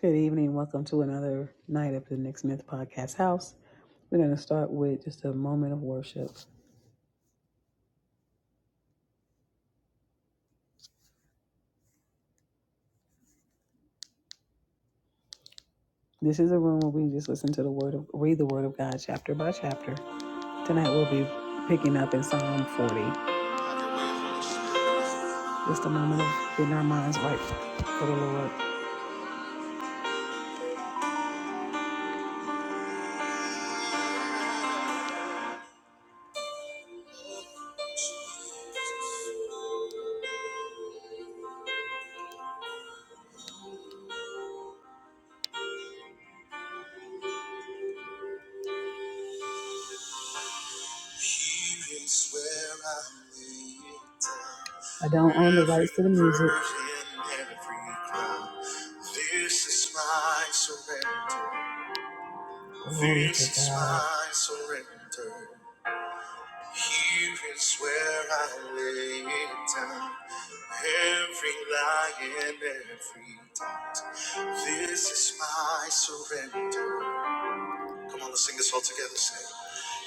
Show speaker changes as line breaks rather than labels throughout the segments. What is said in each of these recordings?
Good evening. Welcome to another night of the Nick Smith Podcast House. We're going to start with just a moment of worship. This is a room where we just listen to the word of, read the word of God chapter by chapter. Tonight we'll be picking up in Psalm 40. Just a moment of getting our minds right for the Lord. I don't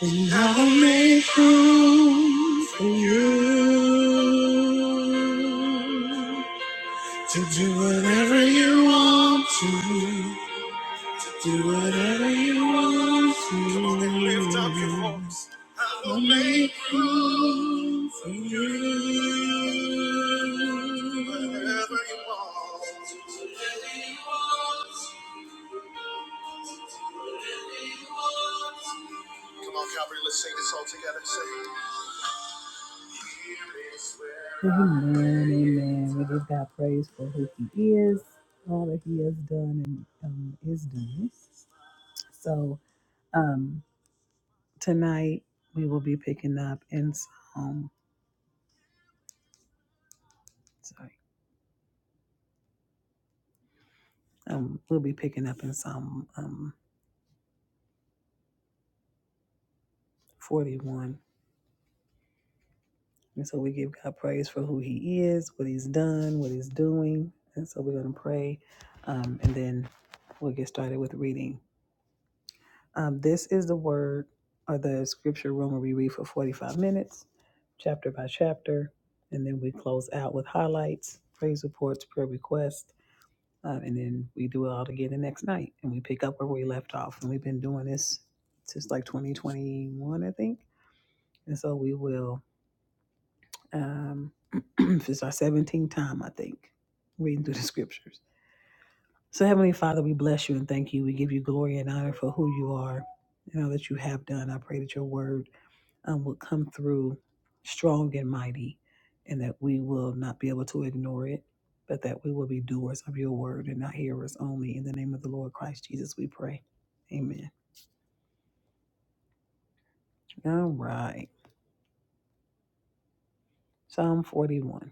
think I come for you to do whatever you want to. Do whatever you want to. and I'll make room for you. Do Amen, amen. We give God praise for who He is, all that He has done and um, is doing. So um, tonight we will be picking up in Psalm. Sorry. Um, we'll be picking up in Psalm um, 41. And so we give God praise for who He is, what He's done, what He's doing. And so we're going to pray um, and then we'll get started with reading. Um, this is the word or the scripture room where we read for 45 minutes, chapter by chapter. And then we close out with highlights, praise reports, prayer requests. Uh, and then we do it all again the next night and we pick up where we left off. And we've been doing this since like 2021, I think. And so we will, um, this is our 17th time, I think, reading through the scriptures. So, Heavenly Father, we bless you and thank you. We give you glory and honor for who you are and all that you have done. I pray that your word um, will come through strong and mighty and that we will not be able to ignore it, but that we will be doers of your word and not hearers only. In the name of the Lord Christ Jesus, we pray. Amen. All right. Psalm 41.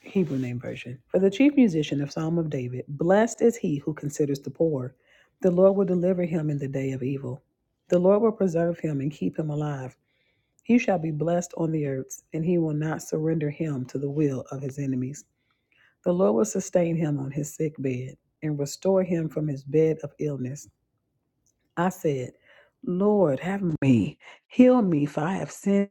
Hebrew name version. For the chief musician of Psalm of David, blessed is he who considers the poor. The Lord will deliver him in the day of evil. The Lord will preserve him and keep him alive. He shall be blessed on the earth, and he will not surrender him to the will of his enemies. The Lord will sustain him on his sick bed and restore him from his bed of illness. I said, Lord, have me, heal me, for I have sinned.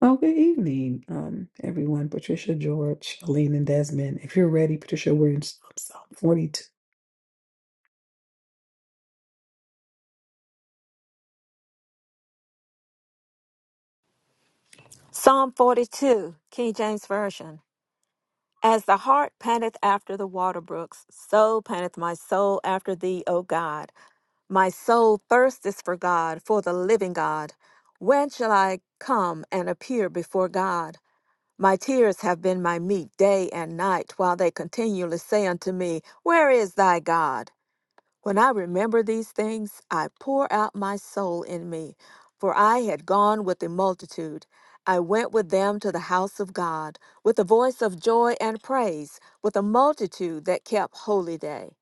Oh, good evening, um, everyone. Patricia George, Aline, and Desmond. If you're ready, Patricia, we're in Psalm 42.
Psalm 42, King James Version. As the hart panteth after the water brooks, so panteth my soul after thee, O God. My soul thirsteth for God, for the living God. When shall I come and appear before God? My tears have been my meat day and night, while they continually say unto me, Where is thy God? When I remember these things, I pour out my soul in me, for I had gone with the multitude. I went with them to the house of God, with a voice of joy and praise, with a multitude that kept holy day.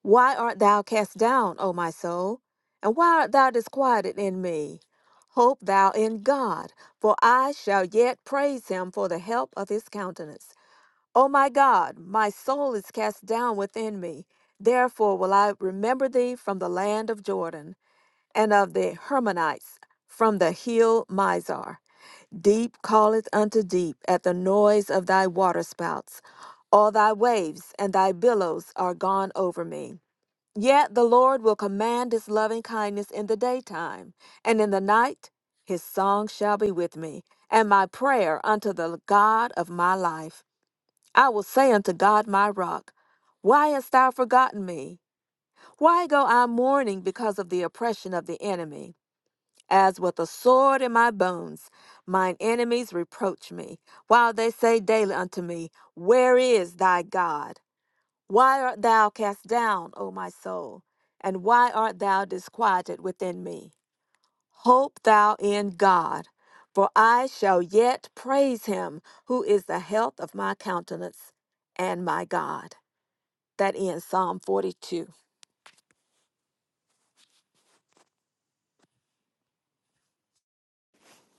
Why art thou cast down, O my soul? And why art thou disquieted in me? Hope thou in God, for I shall yet praise him for the help of his countenance. O my God, my soul is cast down within me. Therefore will I remember thee from the land of Jordan, and of the Hermonites, from the hill Mizar. Deep calleth unto deep at the noise of thy waterspouts. All thy waves and thy billows are gone over me. Yet the Lord will command his loving kindness in the daytime, and in the night his song shall be with me, and my prayer unto the God of my life. I will say unto God my rock, Why hast thou forgotten me? Why go I mourning because of the oppression of the enemy? As with a sword in my bones, mine enemies reproach me, while they say daily unto me, Where is thy God? Why art thou cast down, O my soul? And why art thou disquieted within me? Hope thou in God, for I shall yet praise him who is the health of my countenance and my God. That ends Psalm 42.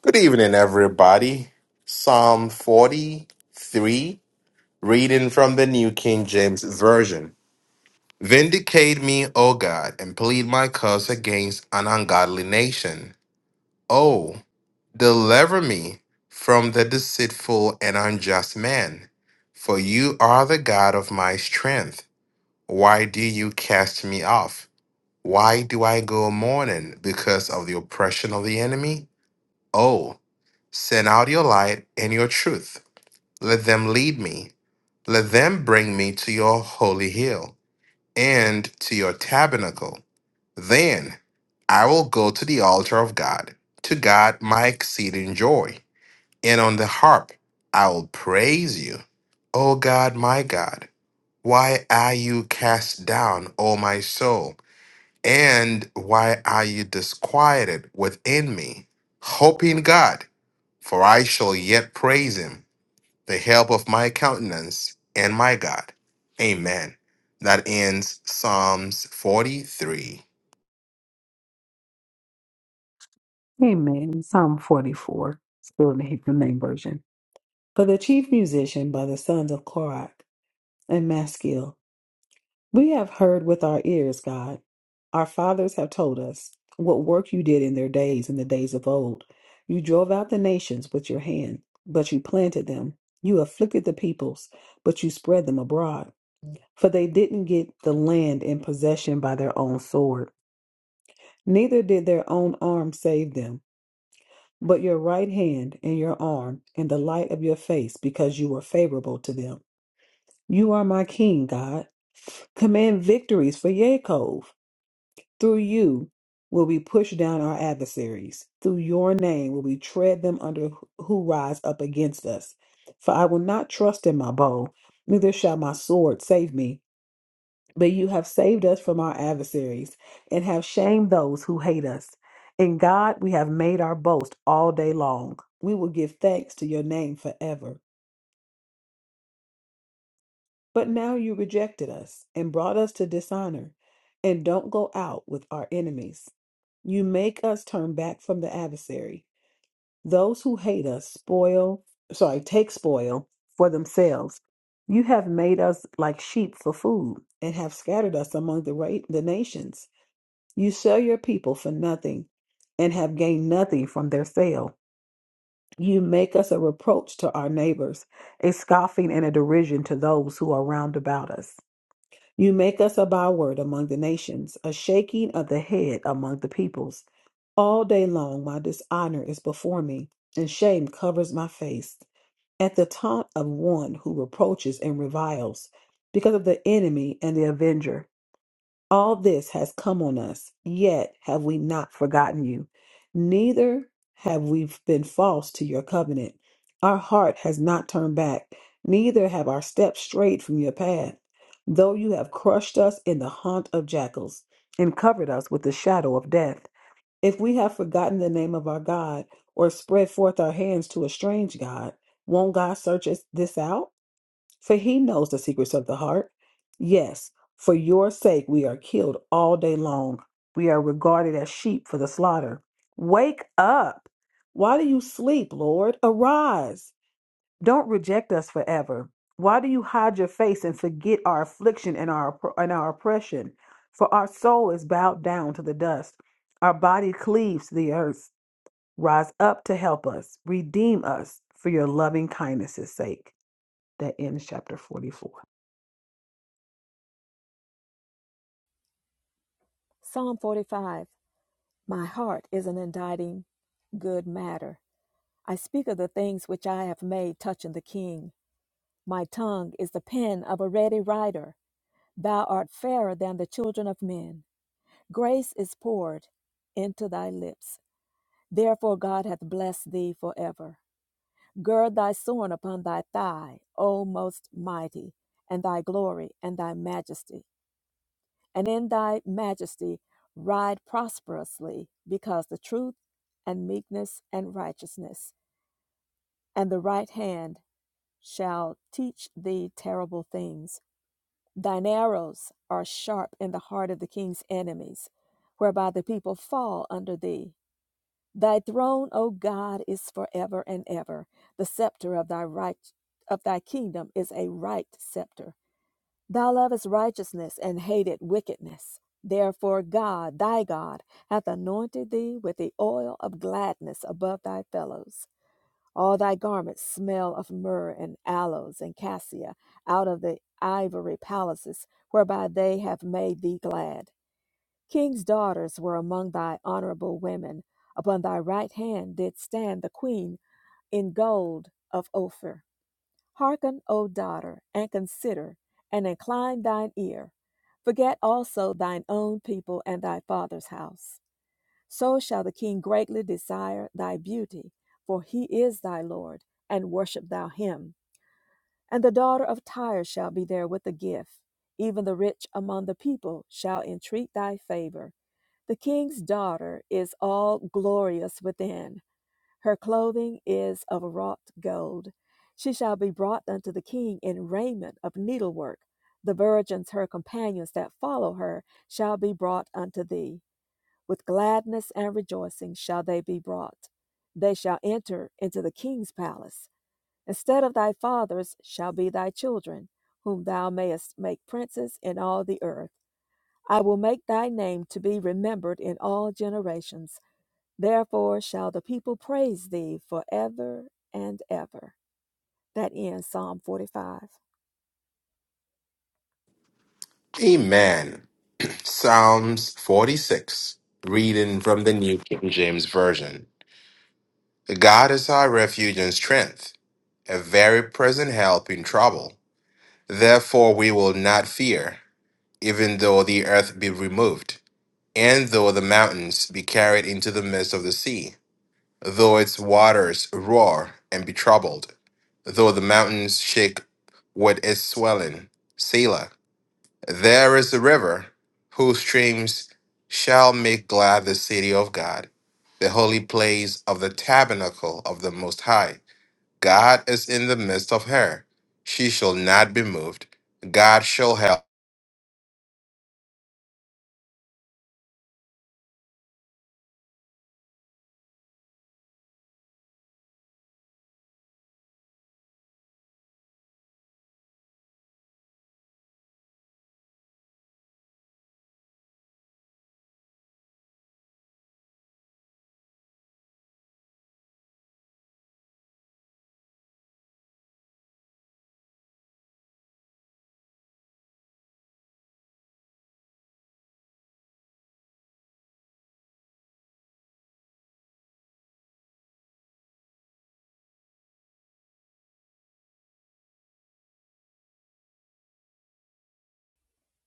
Good evening, everybody. Psalm 43, reading from the New King James Version. Vindicate me, O God, and plead my cause against an ungodly nation. O, deliver me from the deceitful and unjust man. For you are the God of my strength. Why do you cast me off? Why do I go mourning because of the oppression of the enemy? Oh, send out your light and your truth. Let them lead me. Let them bring me to your holy hill and to your tabernacle. Then I will go to the altar of God, to God my exceeding joy. And on the harp I will praise you. O God, my God, why are you cast down, O my soul? And why are you disquieted within me? Hope in God for I shall yet praise him, the help of my countenance and my God. Amen. That ends Psalms 43.
Amen. Psalm 44, still in the Hebrew name version. For the chief musician by the sons of Korah and Maskil. We have heard with our ears, God. Our fathers have told us what work you did in their days, in the days of old. You drove out the nations with your hand, but you planted them. You afflicted the peoples, but you spread them abroad. For they didn't get the land in possession by their own sword, neither did their own arm save them. But your right hand and your arm and the light of your face, because you were favorable to them. You are my king, God. Command victories for Yaakov. Through you will we push down our adversaries. Through your name will we tread them under who rise up against us. For I will not trust in my bow, neither shall my sword save me. But you have saved us from our adversaries and have shamed those who hate us. In God we have made our boast all day long. We will give thanks to your name forever. But now you rejected us and brought us to dishonor, and don't go out with our enemies. You make us turn back from the adversary. Those who hate us spoil, sorry, take spoil for themselves. You have made us like sheep for food and have scattered us among the, ra- the nations. You sell your people for nothing and have gained nothing from their sale. You make us a reproach to our neighbors, a scoffing and a derision to those who are round about us. You make us a byword among the nations, a shaking of the head among the peoples. All day long my dishonor is before me, and shame covers my face. At the taunt of one who reproaches and reviles, because of the enemy and the avenger. All this has come on us, yet have we not forgotten you. Neither have we been false to your covenant. Our heart has not turned back, neither have our steps strayed from your path. Though you have crushed us in the haunt of jackals and covered us with the shadow of death, if we have forgotten the name of our God or spread forth our hands to a strange God, won't God search us this out? for he knows the secrets of the heart. Yes, for your sake we are killed all day long. We are regarded as sheep for the slaughter. Wake up! Why do you sleep, Lord? Arise! Don't reject us forever. Why do you hide your face and forget our affliction and our and our oppression? For our soul is bowed down to the dust. Our body cleaves to the earth. Rise up to help us. Redeem us for your loving kindness' sake. That ends chapter 44.
Psalm 45 My heart is an inditing good matter. I speak of the things which I have made touching the king. My tongue is the pen of a ready writer. Thou art fairer than the children of men. Grace is poured into thy lips. Therefore, God hath blessed thee forever. Gird thy sword upon thy thigh, O most mighty, and thy glory and thy majesty. and in thy majesty ride prosperously, because the truth and meekness and righteousness and the right hand shall teach thee terrible things. Thine arrows are sharp in the heart of the king's enemies, whereby the people fall under thee. Thy throne, O God, is forever and ever. The scepter of thy right of thy kingdom is a right scepter. Thou lovest righteousness and hated wickedness. Therefore, God, thy God, hath anointed thee with the oil of gladness above thy fellows. All thy garments smell of myrrh and aloes and cassia out of the ivory palaces whereby they have made thee glad. King's daughters were among thy honorable women. Upon thy right hand did stand the queen in gold of Ophir. Hearken, O daughter, and consider, and incline thine ear. Forget also thine own people and thy father's house. So shall the king greatly desire thy beauty, for he is thy Lord, and worship thou him. And the daughter of Tyre shall be there with a gift. Even the rich among the people shall entreat thy favor. The king's daughter is all glorious within. Her clothing is of wrought gold. She shall be brought unto the king in raiment of needlework. The virgins, her companions that follow her, shall be brought unto thee. With gladness and rejoicing shall they be brought. They shall enter into the king's palace. Instead of thy fathers shall be thy children, whom thou mayest make princes in all the earth. I will make thy name to be remembered in all generations. Therefore shall the people praise thee forever and ever. That ends Psalm 45.
Amen. Psalms 46, reading from the New King James Version. God is our refuge and strength, a very present help in trouble. Therefore, we will not fear, even though the earth be removed, and though the mountains be carried into the midst of the sea though its waters roar and be troubled, though the mountains shake with its swelling. Selah. There is a river whose streams shall make glad the city of God, the holy place of the tabernacle of the Most High. God is in the midst of her. She shall not be moved. God shall help.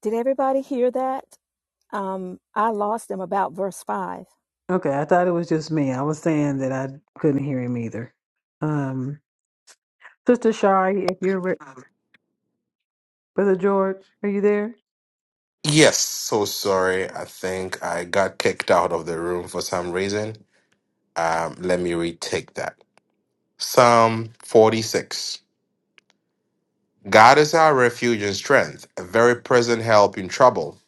Did everybody hear that? Um, I lost them about verse 5.
Okay, I thought it was just me. I was saying that I couldn't hear him either. Um, Sister Shari, if you're re- Brother George, are you there?
Yes, so sorry. I think I got kicked out of the room for some reason. Um, let me retake that. Psalm 46 God is our refuge and strength, a very present help in trouble.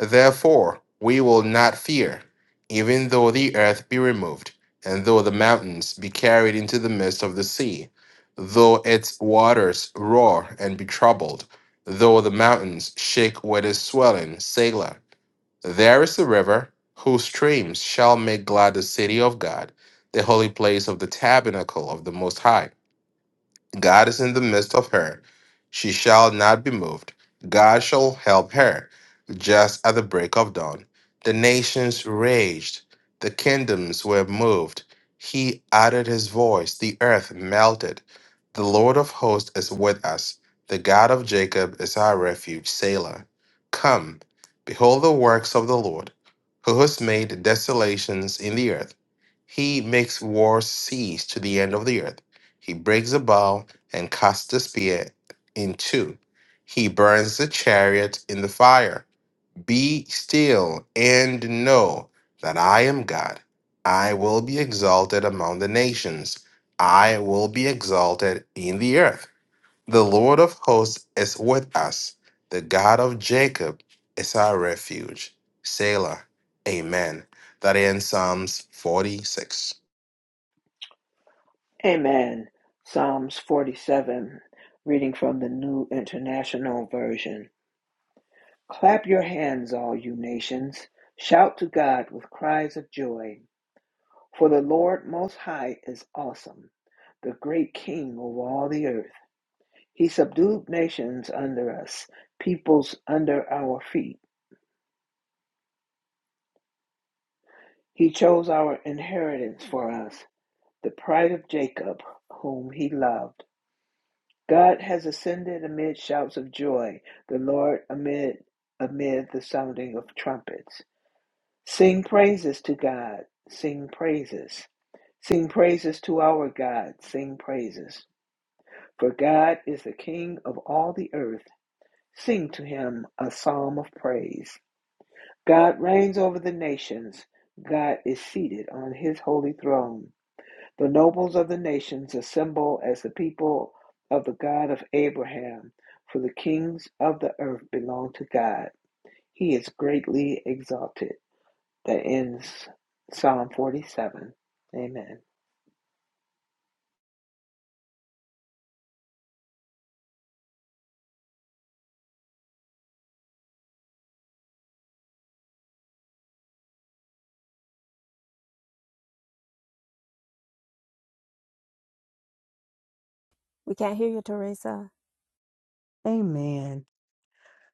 Therefore, we will not fear, even though the earth be removed, and though the mountains be carried into the midst of the sea, though its waters roar and be troubled, though the mountains shake with its swelling, Selah. There is a river whose streams shall make glad the city of God, the holy place of the tabernacle of the Most High. God is in the midst of her. She shall not be moved. God shall help her. Just at the break of dawn, the nations raged, the kingdoms were moved. He uttered his voice, the earth melted. The Lord of hosts is with us. The God of Jacob is our refuge, Selah. Come, behold the works of the Lord, who has made desolations in the earth. He makes wars cease to the end of the earth. He breaks the bow and cuts the spear in two. He burns the chariot in the fire. Be still and know that I am God. I will be exalted among the nations. I will be exalted in the earth. The Lord of hosts is with us. The God of Jacob is our refuge. Selah. Amen. That ends Psalms 46.
Amen. Psalms 47, reading from the New International Version. Clap your hands, all you nations. Shout to God with cries of joy. For the Lord Most High is awesome, the great King over all the earth. He subdued nations under us, peoples under our feet. He chose our inheritance for us, the pride of Jacob, whom he loved. God has ascended amid shouts of joy, the Lord amid amid the sounding of trumpets. Sing praises to God, sing praises. Sing praises to our God, sing praises. For God is the King of all the earth. Sing to him a psalm of praise. God reigns over the nations. God is seated on his holy throne. The nobles of the nations assemble as the people of the God of Abraham, for the kings of the earth belong to God. He is greatly exalted. That ends Psalm 47. Amen.
We can't hear you, Teresa.
Amen.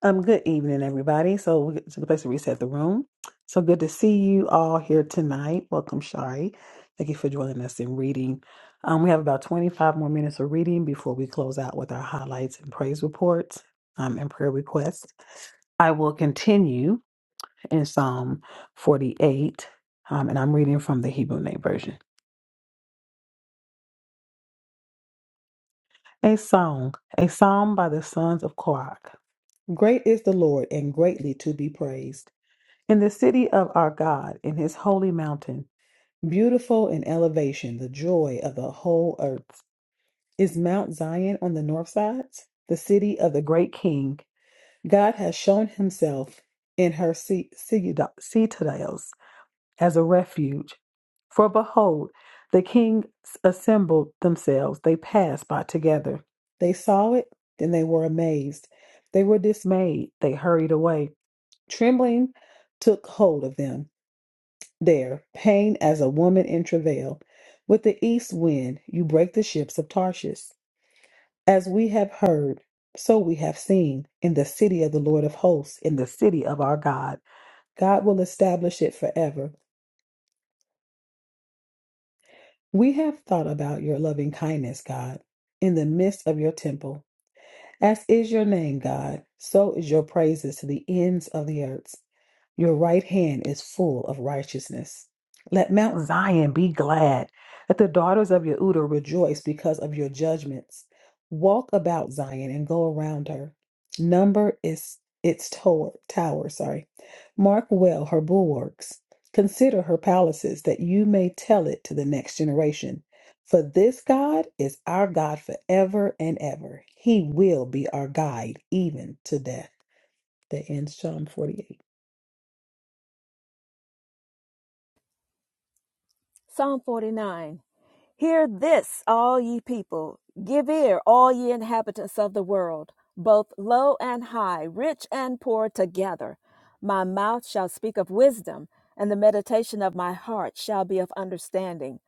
Um, good evening, everybody. So we- it's a good place to reset the room. So good to see you all here tonight. Welcome, Shari. Thank you for joining us in reading. Um, we have about 25 more minutes of reading before we close out with our highlights and praise reports um, and prayer requests. I will continue. in Psalm 48, um, and I'm reading from the Hebrew Name Version. A song, a psalm by the sons of Korah. Great is the Lord and greatly to be praised. In the city of our God, in his holy mountain, beautiful in elevation, the joy of the whole earth. Is Mount Zion on the north sides, the city of the great king? God has shown himself in her ci- citadels. as a refuge. For behold, the kings assembled themselves. They passed by together. They saw it, then they were amazed. They were dismayed. They hurried away. Trembling took hold of them. There, pain as a woman in travail. With the east wind, you break the ships of Tarshish. As we have heard, so we have seen in the city of the Lord of hosts, in the city of our God. God will establish it forever We have thought about your loving kindness, God, in the midst of your temple. As is your name, God, so is your praises to the ends of the earth. Your right hand is full of righteousness. Let Mount Zion be glad. Let the daughters of Yehuda rejoice because of your judgments. Walk about Zion and go around her. Number is its tower, tower, sorry. Mark well her bulwarks. Consider her palaces that you may tell it to the next generation. For this God is our God forever and ever. He will be our guide even to death. That ends Psalm 48.
Psalm 49 Hear this, all ye people. Give ear, all ye inhabitants of the world, both low and high, rich and poor together. My mouth shall speak of wisdom, and the meditation of my heart shall be of understanding.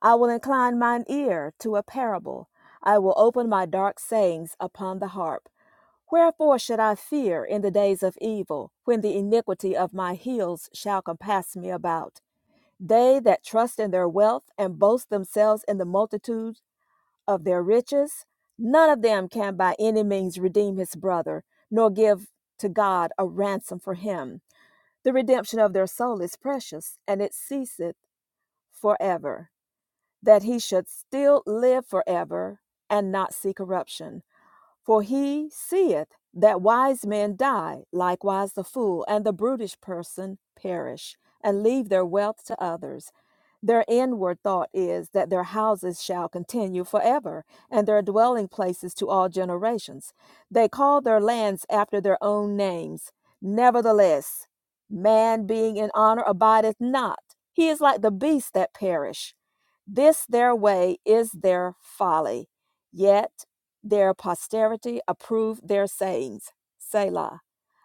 I will incline mine ear to a parable. I will open my dark sayings upon the harp. Wherefore should I fear in the days of evil, when the iniquity of my heels shall compass me about? They that trust in their wealth and boast themselves in the multitude of their riches, none of them can by any means redeem his brother, nor give to God a ransom for him. The redemption of their soul is precious, and it ceaseth forever, that he should still live forever and not see corruption. For he seeth that wise men die, likewise the fool, and the brutish person perish, and leave their wealth to others. Their inward thought is that their houses shall continue forever, and their dwelling places to all generations. They call their lands after their own names. Nevertheless, man being in honor abideth not. He is like the beasts that perish. This their way is their folly. Yet their posterity approve their sayings. Selah.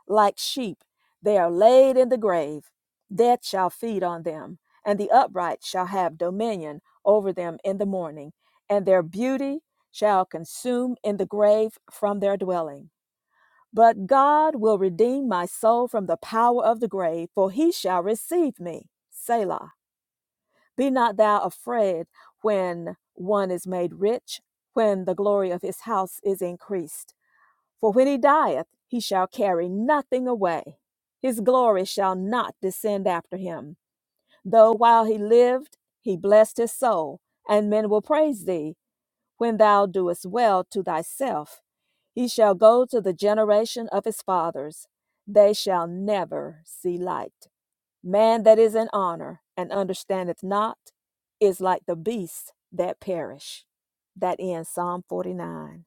Like sheep, they are laid in the grave. Death shall feed on them, and the upright shall have dominion over them in the morning, and their beauty shall consume in the grave from their dwelling. But God will redeem my soul from the power of the grave, for he shall receive me. Selah. Be not thou afraid when one is made rich, when the glory of his house is increased. For when he dieth, he shall carry nothing away. His glory shall not descend after him. Though while he lived, he blessed his soul, and men will praise thee when thou doest well to thyself. He shall go to the generation of his fathers. They shall never see light. Man that is in honor and understandeth not is like the beasts that perish. That ends Psalm 49.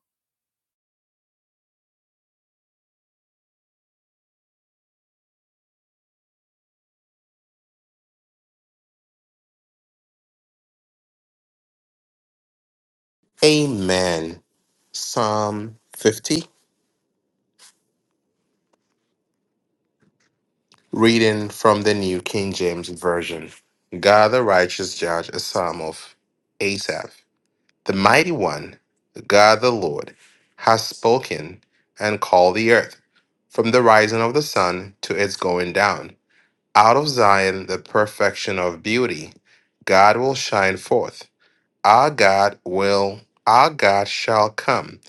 Amen. Psalm 50. Reading from the New King James Version God the righteous judge, a psalm of Asaph. The mighty one, God the Lord, has spoken and called the earth from the rising of the sun to its going down. Out of Zion, the perfection of beauty, God will shine forth. Our God will, our God shall come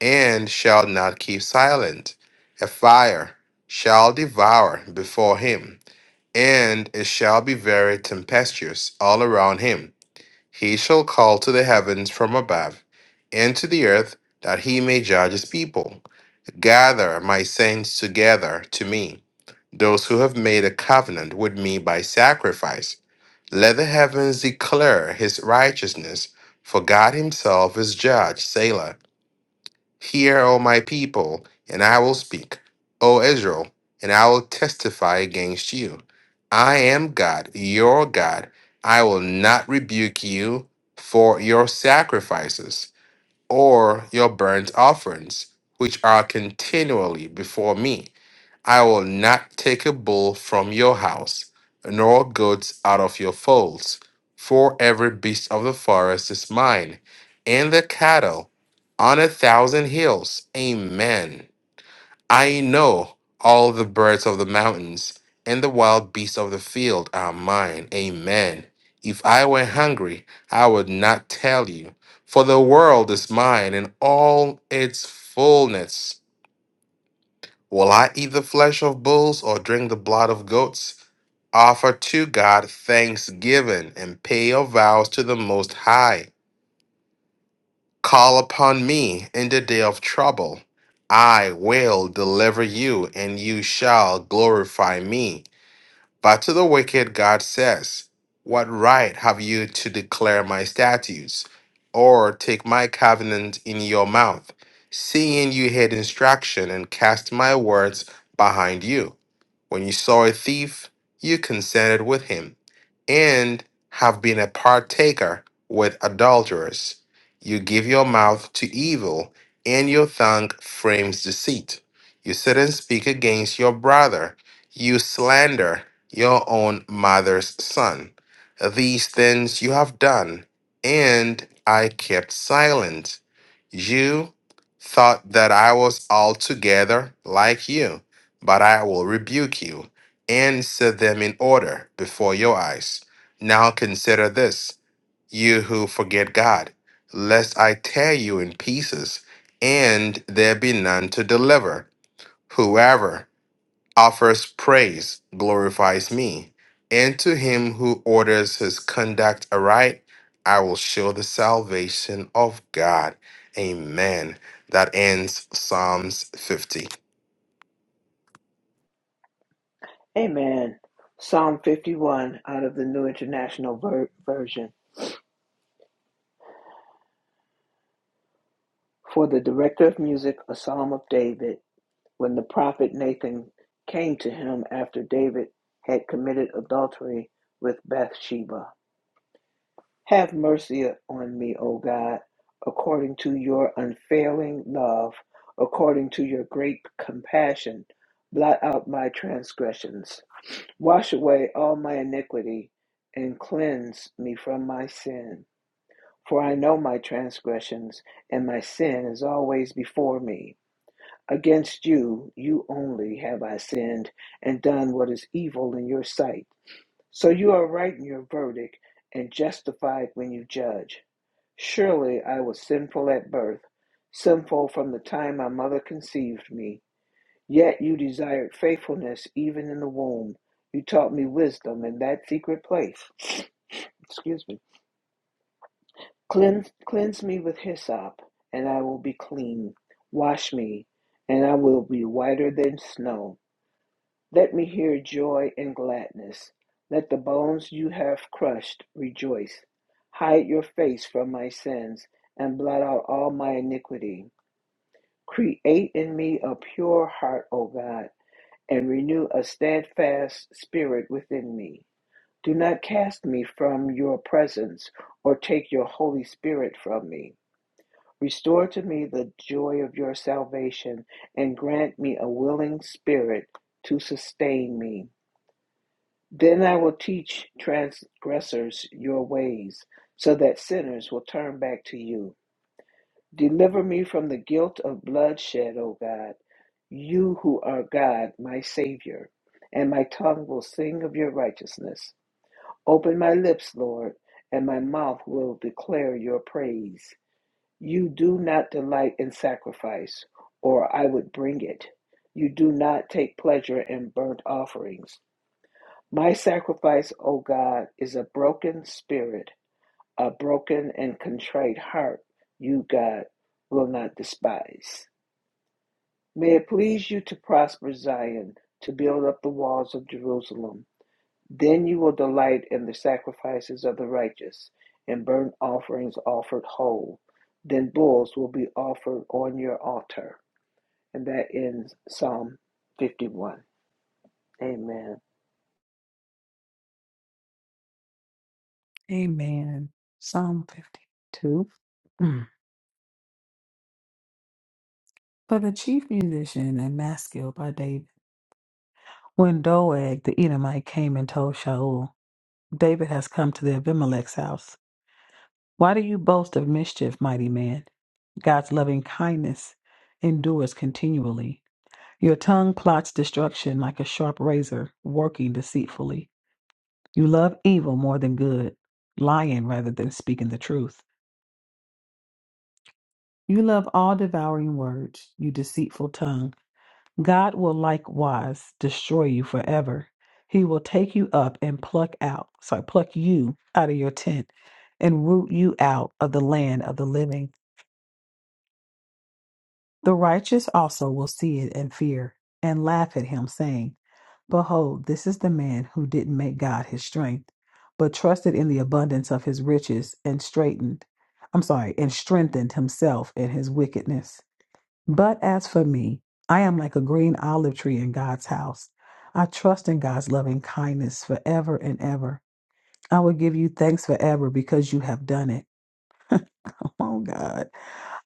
and shall not keep silent. A fire shall devour before him and it shall be very tempestuous all around him. He shall call to the heavens from above, and to the earth, that he may judge his people. Gather my saints together to me, those who have made a covenant with me by sacrifice. Let the heavens declare his righteousness, for God himself is judge, Selah. Hear, O my people, and I will speak, O Israel, and I will testify against you. I am God, your God. I will not rebuke you for your sacrifices or your burnt offerings, which are continually before me. I will not take a bull from your house, nor goats out of your folds. For every beast of the forest is mine, and the cattle on a thousand hills. Amen. I know all the birds of the mountains, and the wild beasts of the field are mine. Amen. If I were hungry, I would not tell you, for the world is mine and all its fullness. Will I eat the flesh of bulls or drink the blood of goats? Offer to God thanksgiving and pay your vows to the Most High. Call upon me in the day of trouble. I will deliver you, and you shall glorify me. But to the wicked, God says, What right have you to declare my statutes, or take my covenant in your mouth, seeing you hate instruction and cast my words behind you? When you saw a thief, you consented with him, and have been a partaker with adulterers. You give your mouth to evil, and your tongue frames deceit. You sit and speak against your brother. You slander your own mother's son. These things you have done, and I kept silent. You thought that I was altogether like you but I will rebuke you and set them in order before your eyes. Now consider this, you who forget God, lest I tear you in pieces and there be none to deliver. Whoever offers praise glorifies me, and to him who orders his conduct aright, I will show the salvation of God. Amen. That ends Psalms 50.
Amen. Psalm 51 out of the New International Ver- Version. For the director of music, a psalm of David, when the prophet Nathan came to him after David had committed adultery with Bathsheba. Have mercy on me, O God, according to your unfailing love, according to your great compassion. Blot out my transgressions. Wash away all my iniquity and cleanse me from my sin. For I know my transgressions, and my sin is always before me. Against you, you only have I sinned and done what is evil in your sight. So you are right in your verdict and justified when you judge. Surely I was sinful at birth, sinful from the time my mother conceived me. Yet you desired faithfulness even in the womb. You taught me wisdom in that secret place. Excuse me. Cleanse, cleanse me with hyssop, and I will be clean. Wash me, and I will be whiter than snow. Let me hear joy and gladness. Let the bones you have crushed rejoice. Hide your face from my sins and blot out all my iniquity. Create in me a pure heart, O God, and renew a steadfast spirit within me. Do not cast me from your presence or take your Holy Spirit from me. Restore to me the joy of your salvation and grant me a willing spirit to sustain me. Then I will teach transgressors your ways, so that sinners will turn back to you. Deliver me from the guilt of bloodshed, O God, you who are God, my Savior, and my tongue will sing of your righteousness. Open my lips, Lord, and my mouth will declare your praise. You do not delight in sacrifice, or I would bring it. You do not take pleasure in burnt offerings. My sacrifice, O God, is a broken spirit, a broken and contrite heart, you, God, will not despise. May it please you to prosper Zion, to build up the walls of Jerusalem. Then you will delight in the sacrifices of the righteous, and burnt offerings offered whole. Then bulls will be offered on your altar. And that ends Psalm 51. Amen.
Amen. Psalm 52. Mm. For the chief musician and maskil by David. When Doeg the Edomite came and told Shaul, David has come to the Abimelech's house. Why do you boast of mischief, mighty man? God's loving kindness endures continually. Your tongue plots destruction like a sharp razor, working deceitfully. You love evil more than good, lying rather than speaking the truth. You love all devouring words, you deceitful tongue. God will likewise destroy you forever. He will take you up and pluck out, sorry, pluck you out of your tent and root you out of the land of the living. The righteous also will see it and fear and laugh at him, saying, Behold, this is the man who didn't make God his strength, but trusted in the abundance of his riches and straightened, I'm sorry, and strengthened himself in his wickedness. But as for me, I am like a green olive tree in God's house. I trust in God's loving kindness forever and ever. I will give you thanks forever because you have done it. Oh God.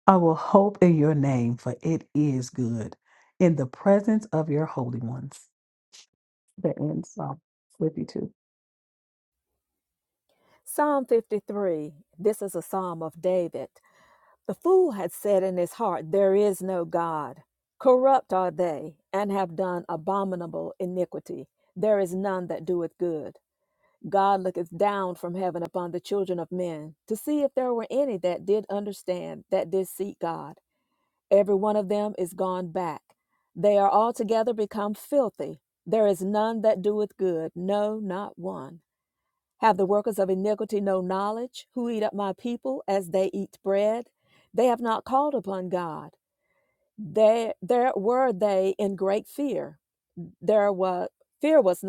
I will hope in your name, for it is good. In the presence of your holy ones. That ends Psalm 52.
Psalm 53. This is a psalm of David. The fool had said in his heart, There is no God. Corrupt are they, and have done abominable iniquity. There is none that doeth good. God looketh down from heaven upon the children of men to see if there were any that did understand, that did seek God. Every one of them is gone back. They are altogether become filthy. There is none that doeth good, no, not one. Have the workers of iniquity no knowledge, who eat up my people as they eat bread? They have not called upon God. They, there were they in great fear. There was fear was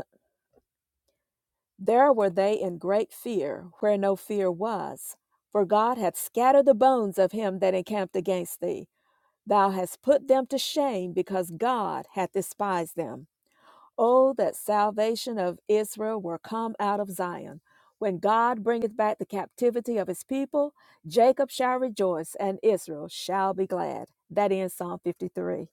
there were they in great fear, where no fear was. For God hath scattered the bones of him that encamped against thee. Thou hast put them to shame, because God hath despised them. Oh, that salvation of Israel were come out of Zion. When God bringeth back the captivity of his people, Jacob shall rejoice and Israel shall be glad. That ends Psalm 53.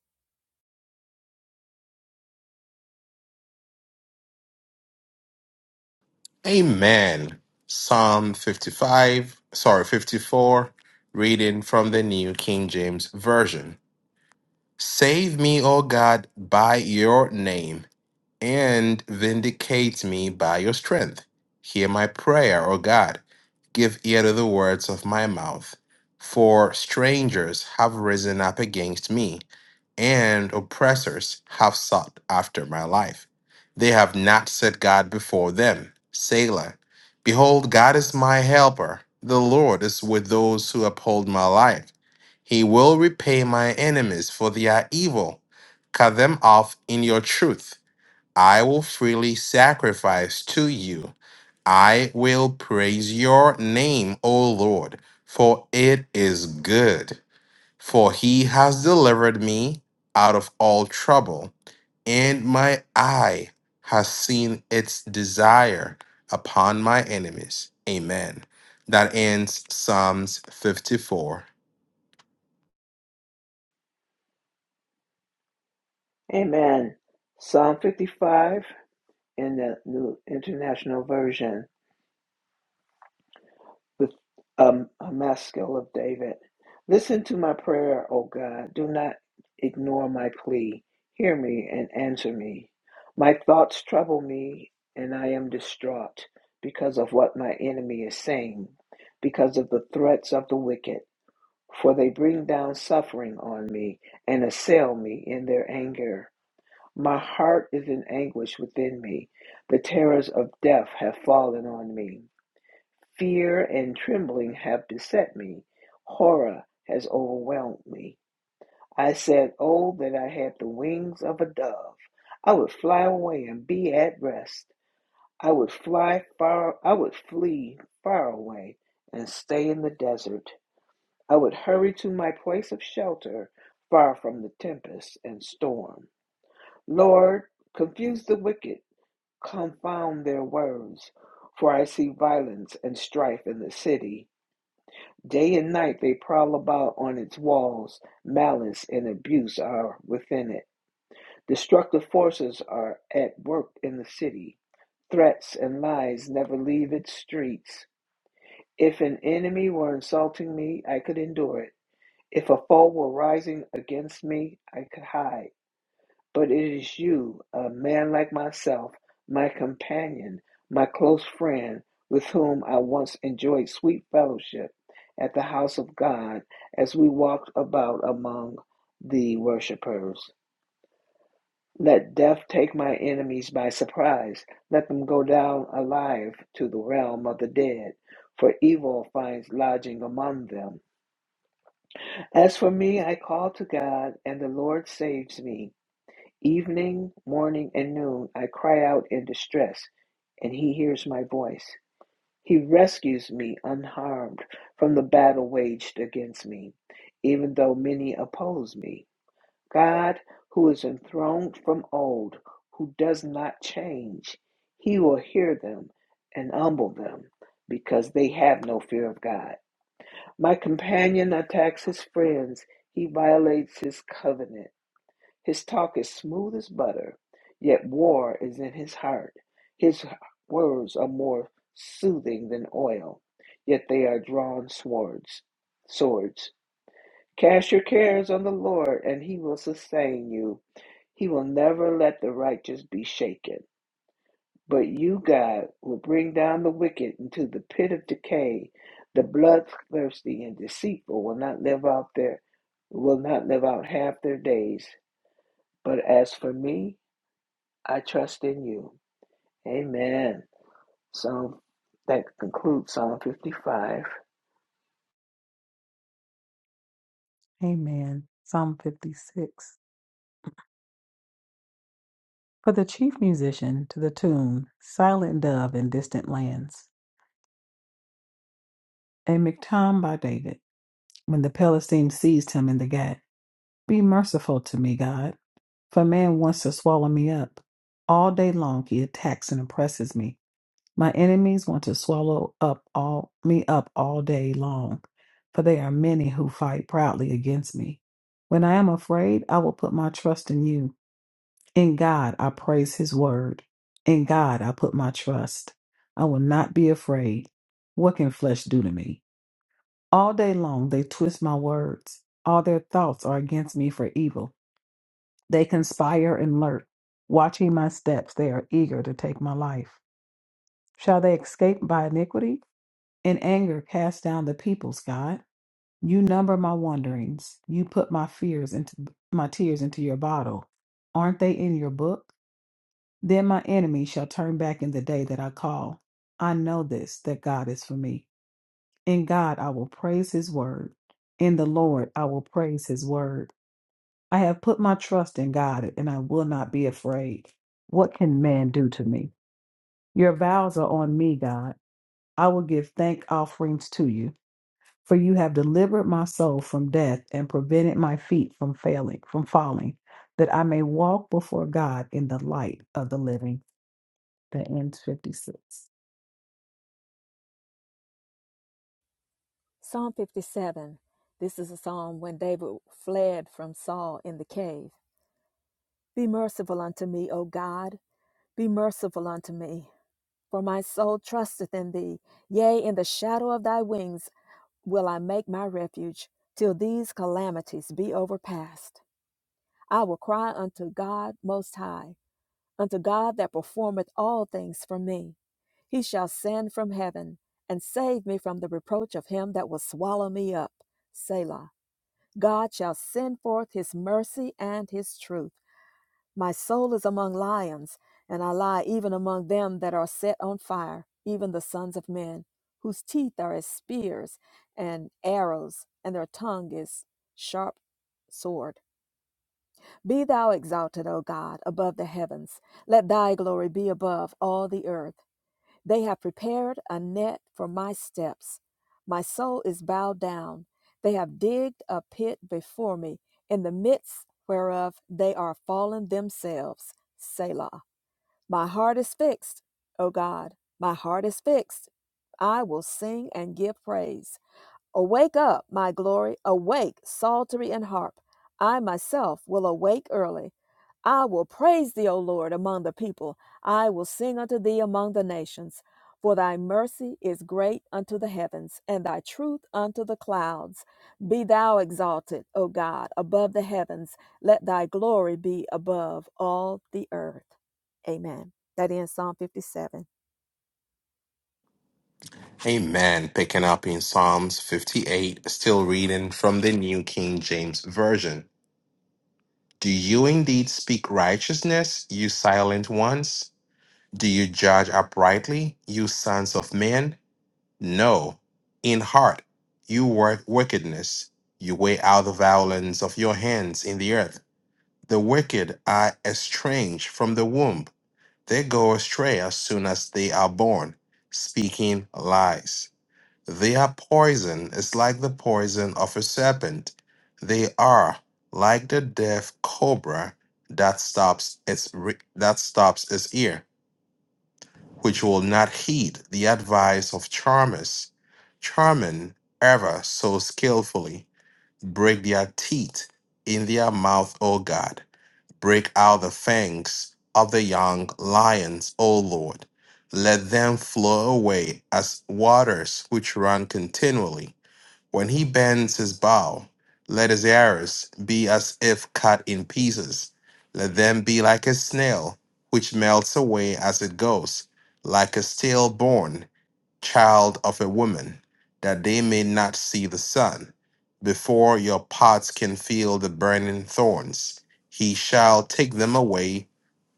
Amen. Psalm 55, sorry, 54, reading from the New King James Version. Save me, O God, by your name and vindicate me by your strength. Hear my prayer, O God. Give ear to the words of my mouth. For strangers have risen up against me, and oppressors have sought after my life. They have not set God before them. Selah. Behold, God is my helper. The Lord is with those who uphold my life. He will repay my enemies for their evil. Cut them off in your truth. I will freely sacrifice to you. I will praise your name, O Lord, for it is good. For he has delivered me out of all trouble, and my eye has seen its desire upon my enemies. Amen. That ends Psalms 54.
Amen. Psalm 55. in the New International Version with um, a maskil of David. Listen to my prayer, O God. Do not ignore my plea. Hear me and answer me. My thoughts trouble me, and I am distraught because of what my enemy is saying, because of the threats of the wicked. For they bring down suffering on me and assail me in their anger. My heart is in anguish within me. The terrors of death have fallen on me. Fear and trembling have beset me. Horror has overwhelmed me. I said, Oh, that I had the wings of a dove. I would fly away and be at rest. I would fly far, I would flee far away and stay in the desert. I would hurry to my place of shelter, far from the tempest and storm. Lord, confuse the wicked Confound their words, for I see violence and strife in the city. Day and night they prowl about on its walls. Malice and abuse are within it. Destructive forces are at work in the city. Threats and lies never leave its streets. If an enemy were insulting me, I could endure it. If a foe were rising against me, I could hide. But it is you, a man like myself, my companion, my close friend, with whom I once enjoyed sweet fellowship at the house of God as we walked about among the worshippers. Let death take my enemies by surprise. Let them go down alive to the realm of the dead, for evil finds lodging among them. As for me, I call to God, and the Lord saves me. Evening, morning, and noon I cry out in distress, and he hears my voice. He rescues me unharmed from the battle waged against me, even though many oppose me. God, who is enthroned from old, who does not change, he will hear them and humble them because they have no fear of God. My companion attacks his friends, he violates his covenant. His talk is smooth as butter, yet war is in his heart. His words are more soothing than oil, yet they are drawn swords. Swords. Cast your cares on the Lord, and he will sustain you. He will never let the righteous be shaken. But you, God, will bring down the wicked into the pit of decay. The bloodthirsty and deceitful will not live out their will not live out half their days. But as for me, I trust in you. Amen. So that concludes Psalm 55.
Amen. Psalm 56. For the chief musician to the tune, Silent Dove in Distant Lands, a miktam by David. when the Philistine seized him in the gate. Be merciful to me, God, for man wants to swallow me up. All day long he attacks and oppresses me. My enemies want to swallow up all me up all day long, for they are many who fight proudly against me. When I am afraid, I will put my trust in you. In God I praise his word. In God I put my trust. I will not be afraid. What can flesh do to me? All day long they twist my words. All their thoughts are against me for evil. They conspire and lurk. Watching my steps, they are eager to take my life. Shall they escape by iniquity? In anger, cast down the peoples, God. You number my wanderings. You put my fears into my tears into your bottle. Aren't they in your book? Then my enemy shall turn back in the day that I call. I know this, that God is for me. In God I will praise his word. In the Lord I will praise his word. I have put my trust in God and I will not be afraid. What can man do to me? Your vows are on me, God. I will give thank offerings to you, for you have delivered my soul from death and prevented my feet from failing, from falling, that I may walk before God in the light of the living. That ends 56.
Psalm 57. This is a psalm when David fled from Saul in the cave. Be merciful unto me, O God. Be merciful unto me. For my soul trusteth in thee. Yea, in the shadow of thy wings will I make my refuge till these calamities be overpast. I will cry unto God Most High, unto God that performeth all things for me. He shall send from heaven and save me from the reproach of him that will swallow me up. Selah. God shall send forth his mercy and his truth. My soul is among lions, and I lie even among them that are set on fire, even the sons of men, whose teeth are as spears and arrows, and their tongue is sharp sword. Be thou exalted, O God, above the heavens. Let thy glory be above all the earth. They have prepared a net for my steps. My soul is bowed down. They have digged a pit before me, in the midst whereof they are fallen themselves. Selah. My heart is fixed, O God. My heart is fixed. I will sing and give praise. Awake up, my glory, awake, psaltery and harp. I myself will awake early. I will praise thee, O Lord, among the people. I will sing unto thee among the nations. For thy mercy is great unto the heavens, and thy truth unto the clouds. Be thou exalted, O God, above the heavens. Let thy glory be above all the earth. Amen. That ends Psalm 57.
Amen. Picking up in Psalms 58, still reading from the New King James Version. Do you indeed speak righteousness, you silent ones? Do you judge uprightly, you sons of men? No, in heart you work wickedness. You weigh out the violence of your hands in the earth. The wicked are estranged from the womb. They go astray as soon as they are born, speaking lies. Their poison. is like the poison of a serpent. They are like the deaf cobra that stops its re- that stops its ear, which will not heed the advice of charmers. Charming ever so skillfully, break their teeth in their mouth, O God. Break out the fangs of the young lions, O Lord. Let them flow away as waters which run continually when he bends his bow, let his arrows be as if cut in pieces. Let them be like a snail, which melts away as it goes, like a stillborn child of a woman, that they may not see the sun. Before your pots can feel the burning thorns, he shall take them away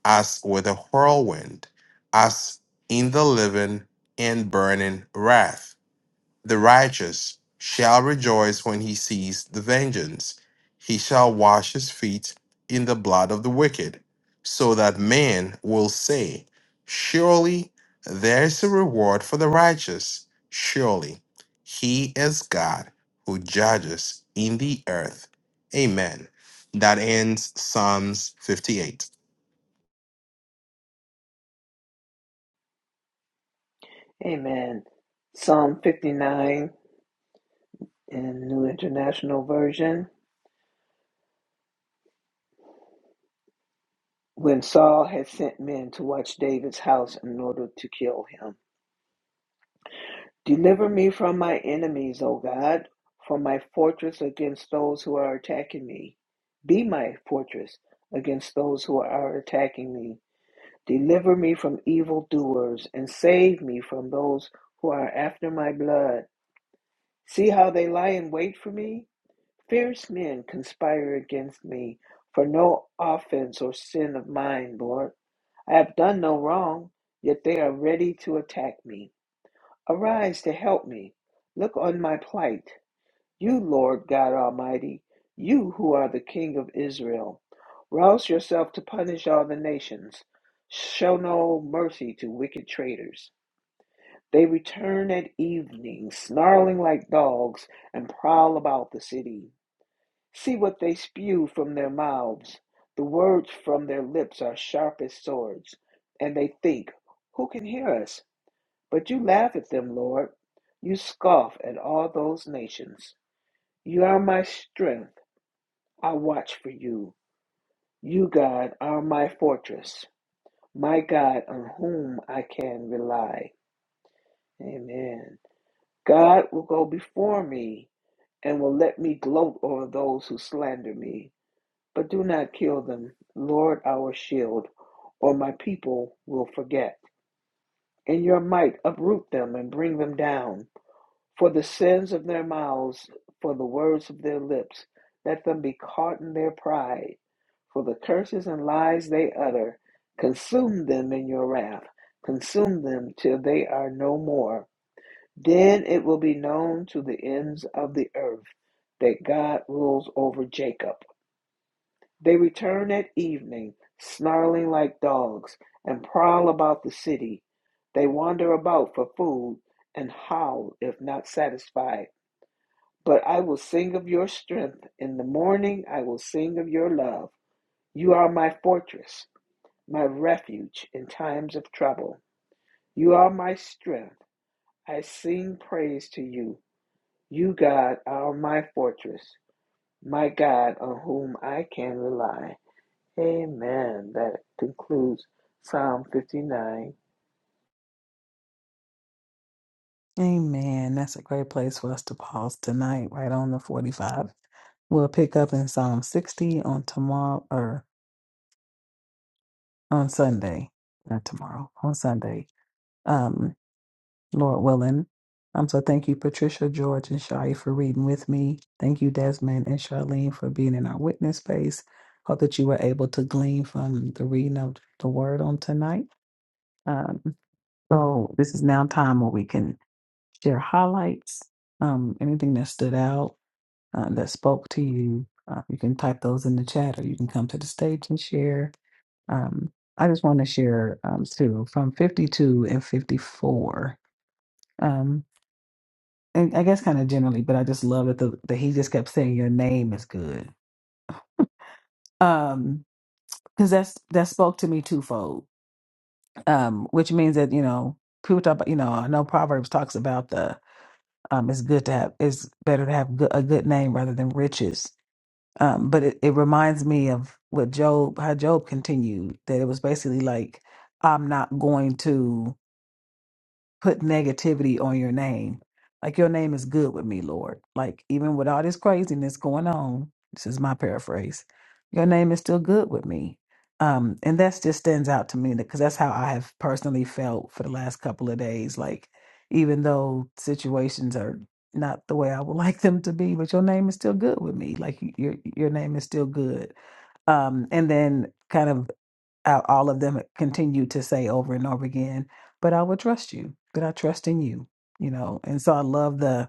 as with a whirlwind, as in the living and burning wrath. The righteous shall rejoice when he sees the vengeance. He shall wash his feet in the blood of the wicked, so that man will say, Surely there is a reward for the righteous. Surely he is God who judges in the earth. Amen. That ends Psalms 58.
Amen. Psalm 59 in New International Version. When Saul had sent men to watch David's house in order to kill him, deliver me from my enemies, O God, from my fortress against those who are attacking me. Be my fortress against those who are attacking me. Deliver me from evildoers and save me from those who are after my blood. See how they lie in wait for me? Fierce men conspire against me for no offense or sin of mine, Lord. I have done no wrong, yet they are ready to attack me. Arise to help me. Look on my plight. You, Lord God Almighty, you who are the King of Israel, rouse yourself to punish all the nations. Show no mercy to wicked traitors. They return at evening, snarling like dogs, and prowl about the city. See what they spew from their mouths. The words from their lips are sharp as swords, and they think, Who can hear us? But you laugh at them, Lord. You scoff at all those nations. You are my strength. I watch for you. You, God, are my fortress, my God on whom I can rely. Amen. God will go before me and will let me gloat over those who slander me, but do not kill them, Lord, our shield, or my people will forget. In your might, uproot them and bring them down. For the sins of their mouths, for the words of their lips, let them be caught in their pride. For the curses and lies they utter, consume them in your wrath, consume them till they are no more. Then it will be known to the ends of the earth that God rules over Jacob. They return at evening, snarling like dogs, and prowl about the city. They wander about for food and howl if not satisfied. But I will sing of your strength. In the morning, I will sing of your love. You are my fortress, my refuge in times of trouble. You are my strength. I sing praise to you. You, God, are my fortress, my God, on whom I can rely. Amen. That concludes Psalm 59.
Amen. That's a great place for us to pause tonight, right on the 45. We'll pick up in Psalm 60 on tomorrow or on Sunday, not tomorrow, on Sunday, um, Lord willing. Um, so thank you, Patricia, George, and Shai for reading with me. Thank you, Desmond and Charlene, for being in our witness space. Hope that you were able to glean from the reading of the word on tonight. Um, so this is now time where we can share highlights, um, anything that stood out, uh, that spoke to you. Uh, you can type those in the chat or you can come to the stage and share. Um, I just want to share um, two from 52 and 54. Um, and I guess kind of generally, but I just love that, the, that he just kept saying, Your name is good. Um, because that's that spoke to me twofold, um, which means that, you know, people talk about, you know, I know Proverbs talks about the, um, it's good to have, it's better to have good, a good name rather than riches. Um, but it, it reminds me of what Job, how Job continued, that it was basically like, I'm not going to. put negativity on your name. Like your name is good with me, Lord. Like even with all this craziness going on, this is my paraphrase. Your name is still good with me. Um, and that just stands out to me because that's how I have personally felt for the last couple of days. Like even though situations are not the way I would like them to be, but your name is still good with me. Like your your name is still good. Um, and then kind of out all of them continue to say over and over again but i will trust you but i trust in you you know and so i love the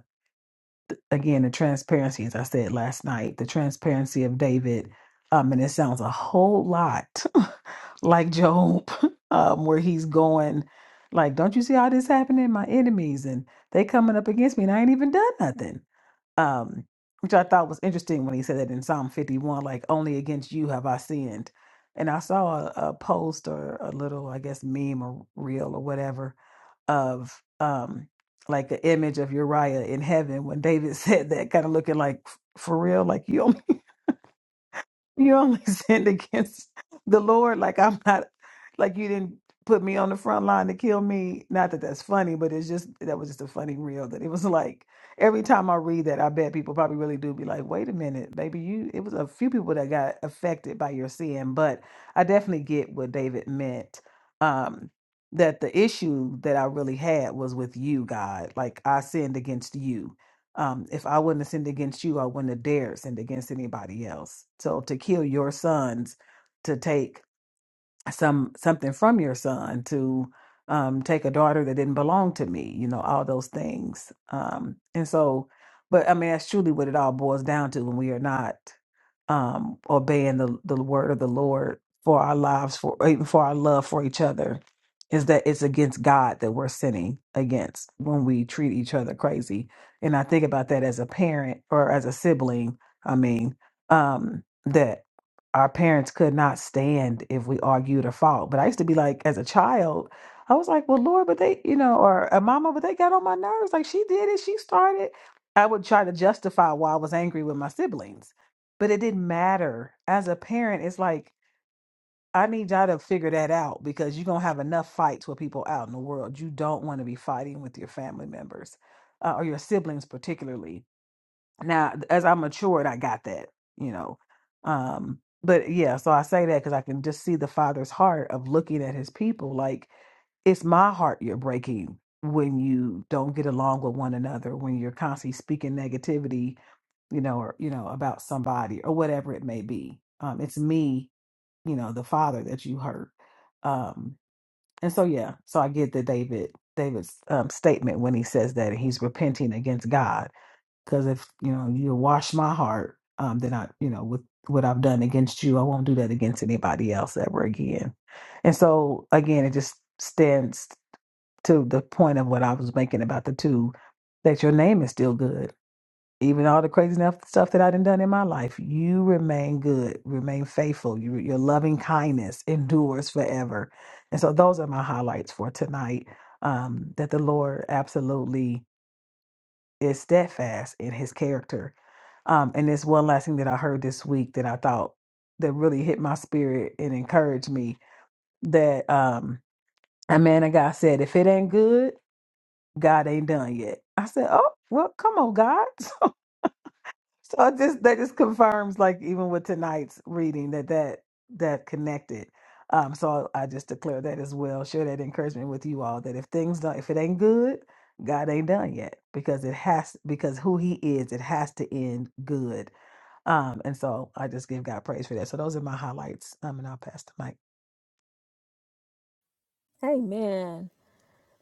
again the transparency as i said last night the transparency of david um and it sounds a whole lot like job um where he's going like don't you see all this happening my enemies and they coming up against me and i ain't even done nothing um, which I thought was interesting when he said that in Psalm 51, like, only against you have I sinned. And I saw a, a post or a little, I guess, meme or reel or whatever of um, like the image of Uriah in heaven when David said that, kind of looking like, for real, like you you only sinned against the Lord. Like I'm not, like you didn't put me on the front line to kill me. Not that that's funny, but it's just that was just a funny reel. That it was like every time I read that, I bet people probably really do be like, "Wait a minute, baby, you." It was a few people that got affected by your sin, but I definitely get what David meant. Um, that the issue that I really had was with you, God. Like I sinned against you um, if I wouldn't have sinned against you, I wouldn't have dared sinned against anybody else. So to kill your sons, to take some something from your son to um, take a daughter that didn't belong to me you know all those things um, and so but i mean that's truly what it all boils down to when we are not um, obeying the, the word of the lord for our lives for or even for our love for each other is that it's against god that we're sinning against when we treat each other crazy and i think about that as a parent or as a sibling i mean um, that our parents could not stand if we argued or fought. But I used to be like, as a child, I was like, well, Lord, but they, you know, or a mama, but they got on my nerves. Like she did it, she started. I would try to justify why I was angry with my siblings, but it didn't matter. As a parent, it's like, I need y'all to figure that out because you're going to have enough fights with people out in the world. You don't want to be fighting with your family members uh, or your siblings, particularly now as i matured i got that you know um but yeah so i say that because i can just see the father's heart of looking at his people like it's my heart you're breaking when you don't get along with one another when you're constantly speaking negativity you know or you know about somebody or whatever it may be um it's me you know the father that you hurt um and so yeah so i get the david david's um, statement when he says that he's repenting against god because if you know you wash my heart um then i you know with what i've done against you i won't do that against anybody else ever again and so again it just stands to the point of what i was making about the two that your name is still good even all the crazy enough stuff that i done done in my life you remain good remain faithful you, your loving kindness endures forever and so those are my highlights for tonight um, that the lord absolutely is steadfast in his character. Um, and there's one last thing that I heard this week that I thought that really hit my spirit and encouraged me that um, a man of God said, if it ain't good, God ain't done yet. I said, oh, well, come on, God. So it just that just confirms, like even with tonight's reading, that that that connected. Um, so I just declare that as well. Share that encouragement with you all that if things don't, if it ain't good, God ain't done yet because it has because who He is, it has to end good. Um, and so I just give God praise for that. So those are my highlights. Um, and I'll pass the mic.
Amen.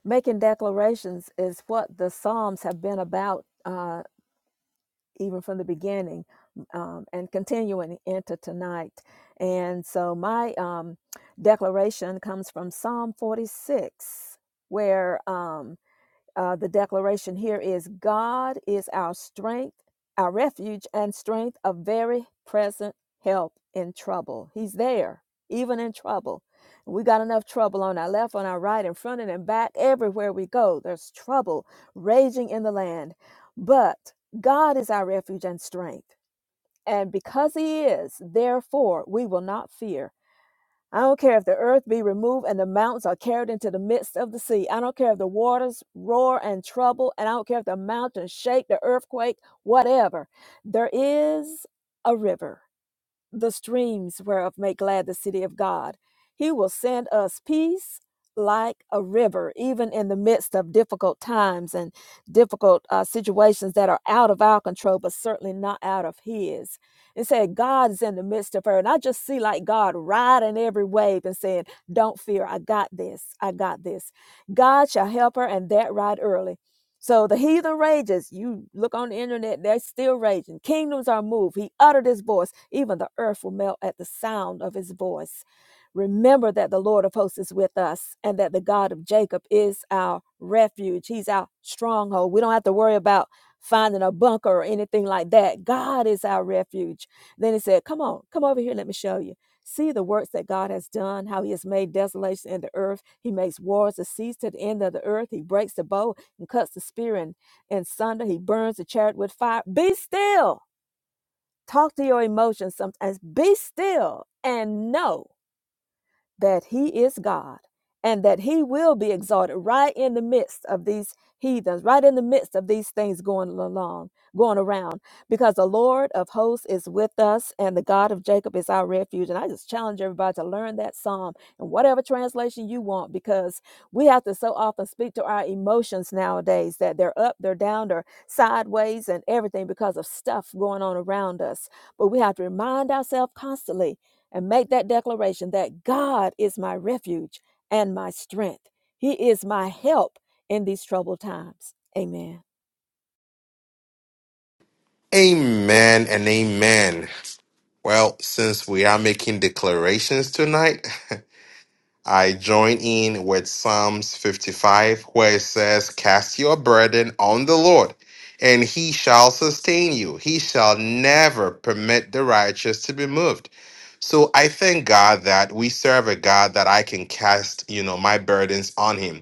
Making declarations is what the Psalms have been about, uh, even from the beginning, um, and continuing into tonight. And so my um, declaration comes from Psalm 46, where um, uh, the declaration here is God is our strength, our refuge and strength, a very present help in trouble. He's there, even in trouble. We got enough trouble on our left, on our right, in front, and in back. Everywhere we go, there's trouble raging in the land. But God is our refuge and strength. And because He is, therefore, we will not fear. I don't care if the earth be removed and the mountains are carried into the midst of the sea. I don't care if the waters roar and trouble, and I don't care if the mountains shake, the earthquake, whatever. There is a river the streams whereof make glad the city of God. He will send us peace like a river, even in the midst of difficult times and difficult uh, situations that are out of our control, but certainly not out of His. And said, God is in the midst of her. And I just see like God riding every wave and saying, Don't fear, I got this, I got this. God shall help her, and that right early. So the heathen rages. You look on the internet, they're still raging. Kingdoms are moved. He uttered his voice. Even the earth will melt at the sound of his voice. Remember that the Lord of hosts is with us and that the God of Jacob is our refuge. He's our stronghold. We don't have to worry about finding a bunker or anything like that. God is our refuge. Then he said, Come on, come over here. Let me show you. See the works that God has done, how he has made desolation in the earth. He makes wars to cease to the end of the earth. He breaks the bow and cuts the spear in, in sunder. He burns the chariot with fire. Be still. Talk to your emotions sometimes. Be still and know that he is God and that he will be exalted right in the midst of these heathens, right in the midst of these things going along, going around, because the Lord of hosts is with us and the God of Jacob is our refuge. And I just challenge everybody to learn that psalm in whatever translation you want, because we have to so often speak to our emotions nowadays that they're up, they're down, they're sideways and everything because of stuff going on around us. But we have to remind ourselves constantly and make that declaration that God is my refuge and my strength. He is my help in these troubled times. Amen.
Amen and amen. Well, since we are making declarations tonight, I join in with Psalms 55, where it says, Cast your burden on the Lord, and he shall sustain you. He shall never permit the righteous to be moved. So I thank God that we serve a God that I can cast, you know, my burdens on him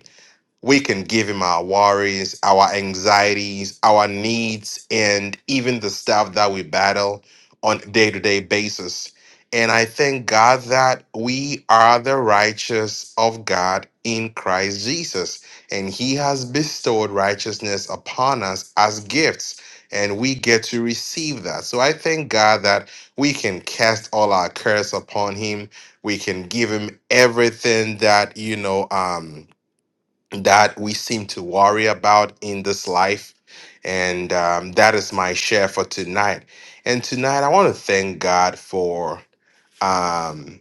we can give him our worries, our anxieties, our needs, and even the stuff that we battle on a day to day basis. And I thank God that we are the righteous of God in Christ Jesus. And He has bestowed righteousness upon us as gifts, and we get to receive that. So I thank God that we can cast all our cares upon Him. We can give Him everything that, you know, um, that we seem to worry about in this life. And um, that is my share for tonight. And tonight, I want to thank God for um,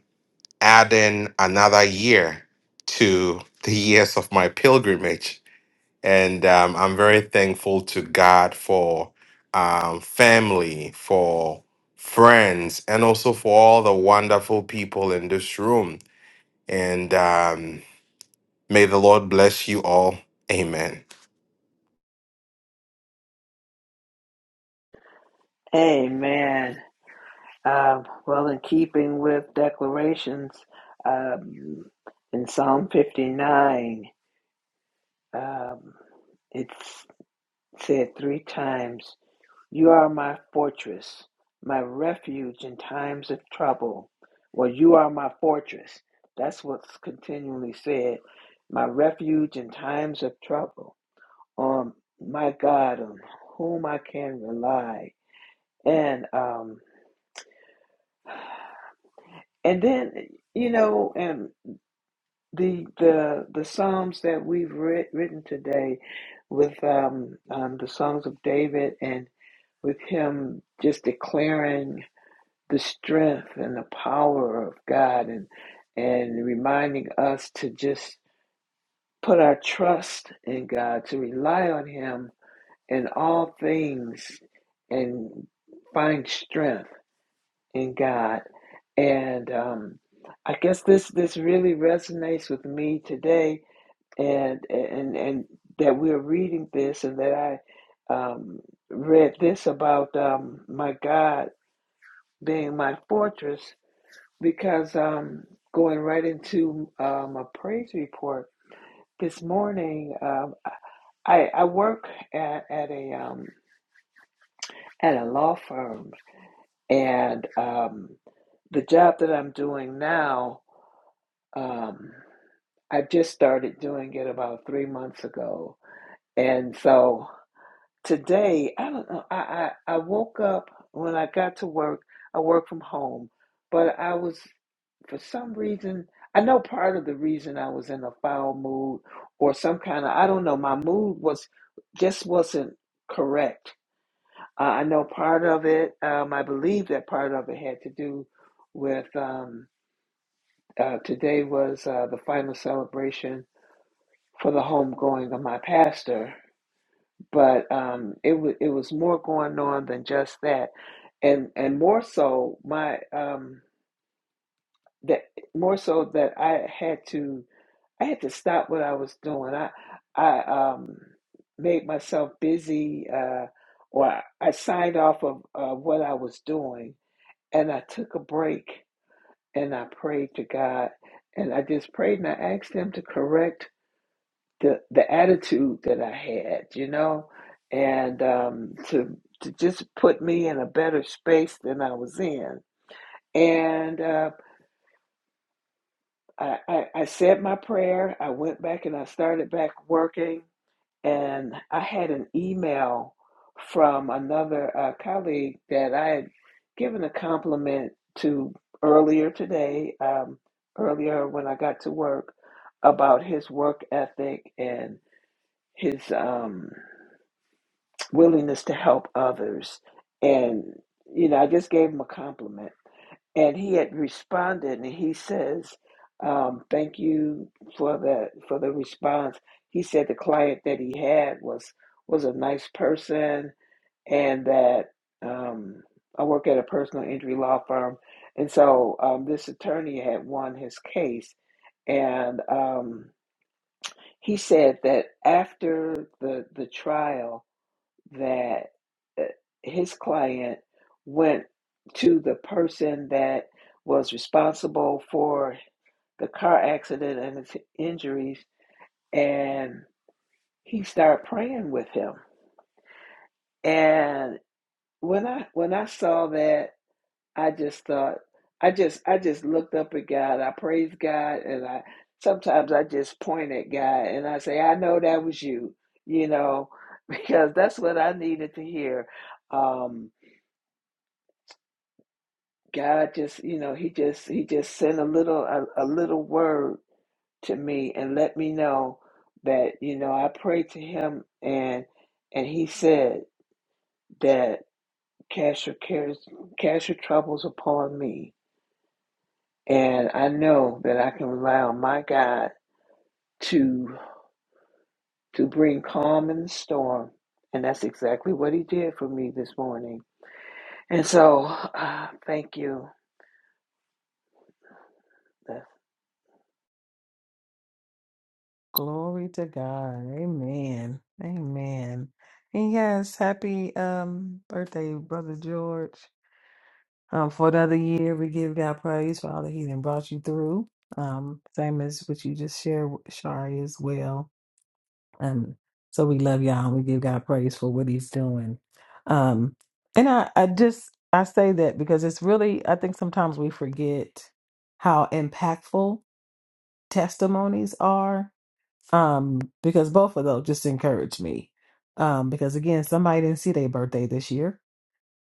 adding another year to the years of my pilgrimage. And um, I'm very thankful to God for um, family, for friends, and also for all the wonderful people in this room. And um, may the Lord bless you all. Amen.
Amen. Um, well, in keeping with declarations, um, in Psalm 59. Um, it's said three times, You are my fortress, my refuge in times of trouble. Well, you are my fortress. That's what's continually said, my refuge in times of trouble. Um, my God, on whom I can rely. And um, and then you know, and the the the psalms that we've writ- written today, with um, um, the songs of David and with him just declaring the strength and the power of God and and reminding us to just put our trust in God, to rely on him in all things and find strength in God. And um, I guess this this really resonates with me today and and and that we're reading this and that I um, read this about um, my God being my fortress because um, going right into um, a praise report this morning, um, I, I work at, at a um, at a law firm, and um, the job that I'm doing now, um, I just started doing it about three months ago, and so today I don't know. I, I I woke up when I got to work. I work from home, but I was for some reason, I know part of the reason I was in a foul mood or some kind of, I don't know, my mood was just wasn't correct. Uh, I know part of it, um, I believe that part of it had to do with um, uh, today was uh, the final celebration for the homegoing of my pastor, but um, it, w- it was more going on than just that. And, and more so, my um, that more so that I had to I had to stop what I was doing. I I um made myself busy uh or I I signed off of uh, what I was doing and I took a break and I prayed to God and I just prayed and I asked him to correct the the attitude that I had, you know, and um to to just put me in a better space than I was in. And uh I, I, I said my prayer. I went back and I started back working and I had an email from another uh, colleague that I had given a compliment to earlier today, um, earlier when I got to work, about his work ethic and his um, willingness to help others. And, you know, I just gave him a compliment and he had responded and he says um, thank you for the for the response he said the client that he had was was a nice person and that um, i work at a personal injury law firm and so um, this attorney had won his case and um, he said that after the the trial that uh, his client went to the person that was responsible for the car accident and his injuries and he started praying with him and when i when i saw that i just thought i just i just looked up at god i praised god and i sometimes i just point at god and i say i know that was you you know because that's what i needed to hear um God just, you know, he just he just sent a little a, a little word to me and let me know that, you know, I prayed to him and and he said that cast your cares cast your troubles upon me. And I know that I can rely on my God to to bring calm in the storm. And that's exactly what he did for me this morning. And so, uh, thank you. Good
Glory to God. Amen. Amen. And yes, happy um birthday, brother George. Um, for another year, we give God praise for all that He done brought you through. Um, same as what you just shared, with Shari, as well. And so we love y'all and we give God praise for what He's doing. Um, and I, I just I say that because it's really I think sometimes we forget how impactful testimonies are. Um, because both of those just encourage me. Um, because again, somebody didn't see their birthday this year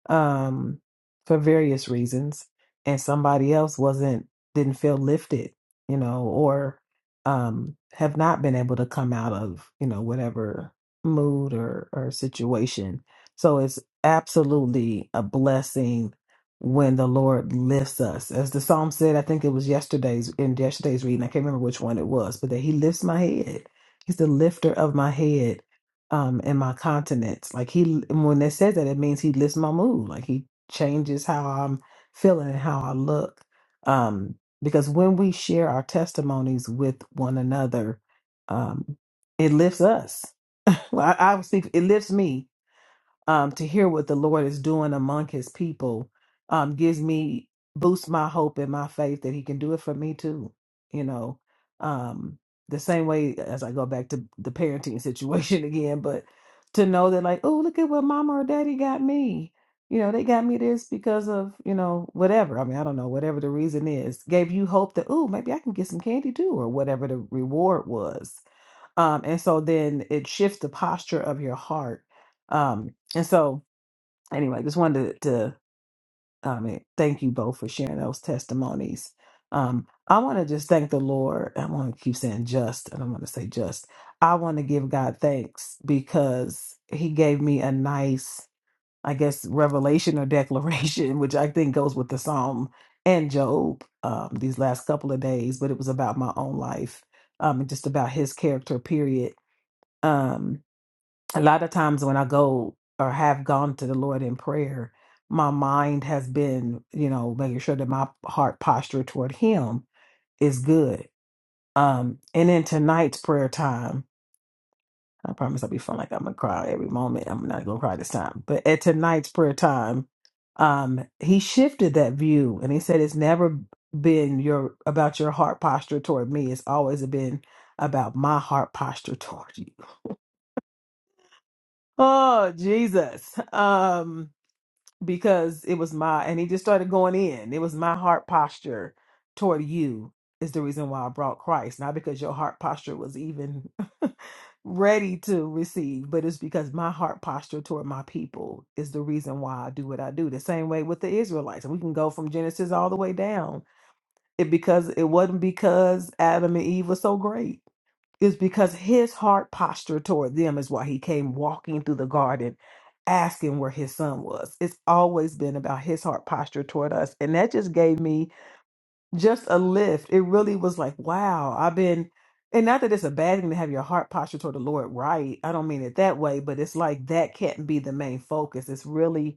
um, for various reasons, and somebody else wasn't didn't feel lifted, you know, or um, have not been able to come out of you know whatever mood or or situation. So it's absolutely a blessing when the Lord lifts us, as the psalm said. I think it was yesterday's in yesterday's reading. I can't remember which one it was, but that He lifts my head. He's the lifter of my head um in my continents. Like he l- and when it says that it means he lifts my mood. Like he changes how I'm feeling and how I look. Um because when we share our testimonies with one another, um it lifts us. well, I, I would speak it lifts me um, to hear what the Lord is doing among his people um, gives me, boosts my hope and my faith that he can do it for me too. You know, um, the same way as I go back to the parenting situation again, but to know that, like, oh, look at what mama or daddy got me. You know, they got me this because of, you know, whatever. I mean, I don't know, whatever the reason is, gave you hope that, oh, maybe I can get some candy too, or whatever the reward was um and so then it shifts the posture of your heart um and so anyway just wanted to, to um eh, thank you both for sharing those testimonies um i want to just thank the lord i want to keep saying just and i'm going to say just i want to give god thanks because he gave me a nice i guess revelation or declaration which i think goes with the psalm and job um these last couple of days but it was about my own life um and just about his character period Um, a lot of times when I go or have gone to the Lord in prayer, my mind has been, you know, making sure that my heart posture toward Him is good. Um, and in tonight's prayer time, I promise I'll be feeling like I'm gonna cry every moment. I'm not gonna cry this time, but at tonight's prayer time, um, He shifted that view and He said, "It's never been your about your heart posture toward me. It's always been about my heart posture toward you." Oh, Jesus. Um because it was my and he just started going in. It was my heart posture toward you is the reason why I brought Christ, not because your heart posture was even ready to receive, but it's because my heart posture toward my people is the reason why I do what I do. The same way with the Israelites. And we can go from Genesis all the way down. It because it wasn't because Adam and Eve was so great it's because his heart posture toward them is why he came walking through the garden asking where his son was. It's always been about his heart posture toward us. And that just gave me just a lift. It really was like, wow, I've been, and not that it's a bad thing to have your heart posture toward the Lord right. I don't mean it that way, but it's like that can't be the main focus. It's really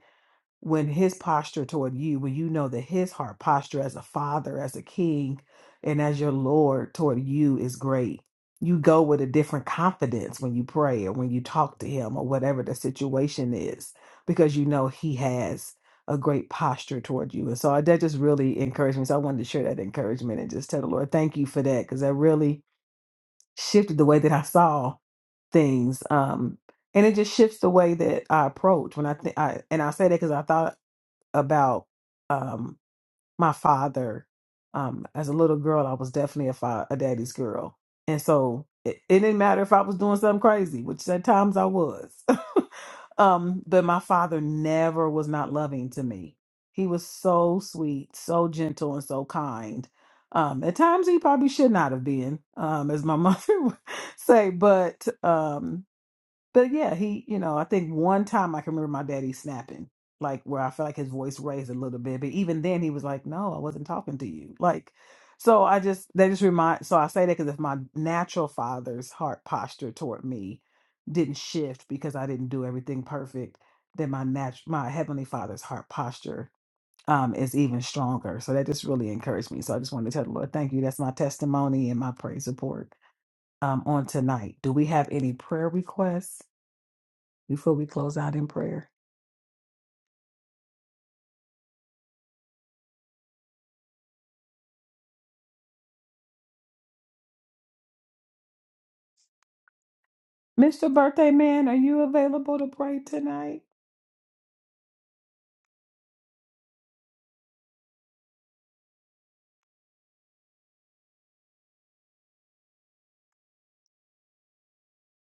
when his posture toward you, when you know that his heart posture as a father, as a king, and as your Lord toward you is great. You go with a different confidence when you pray or when you talk to him or whatever the situation is, because you know he has a great posture toward you. And so that just really encouraged me. So I wanted to share that encouragement and just tell the Lord, thank you for that, because that really shifted the way that I saw things um and it just shifts the way that i approach when i think i and i say that because i thought about um, my father. Um, as a little girl, I was definitely a, fa- a daddy's girl, and so it, it didn't matter if I was doing something crazy, which at times I was. um, but my father never was not loving to me. He was so sweet, so gentle, and so kind. Um, at times he probably should not have been, um, as my mother would say, but um. But yeah, he, you know, I think one time I can remember my daddy snapping, like where I felt like his voice raised a little bit. But even then, he was like, no, I wasn't talking to you. Like, so I just, that just remind, so I say that because if my natural father's heart posture toward me didn't shift because I didn't do everything perfect, then my natural, my heavenly father's heart posture um, is even stronger. So that just really encouraged me. So I just wanted to tell the Lord, thank you. That's my testimony and my praise report um, on tonight. Do we have any prayer requests? before we close out in prayer. Mr. Birthday Man, are you available to pray tonight?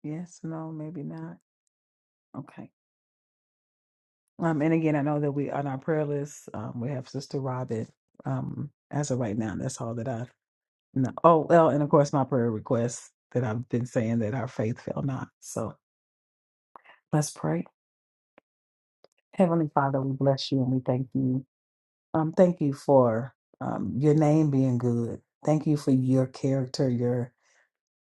Yes, no, maybe not. Okay. Um, and again, I know that we on our prayer list, um, we have Sister Robin. Um, as of right now, that's all that I know. Oh, well, and of course my prayer requests that I've been saying that our faith fail not. So let's pray. Heavenly Father, we bless you and we thank you. Um, thank you for um your name being good. Thank you for your character, your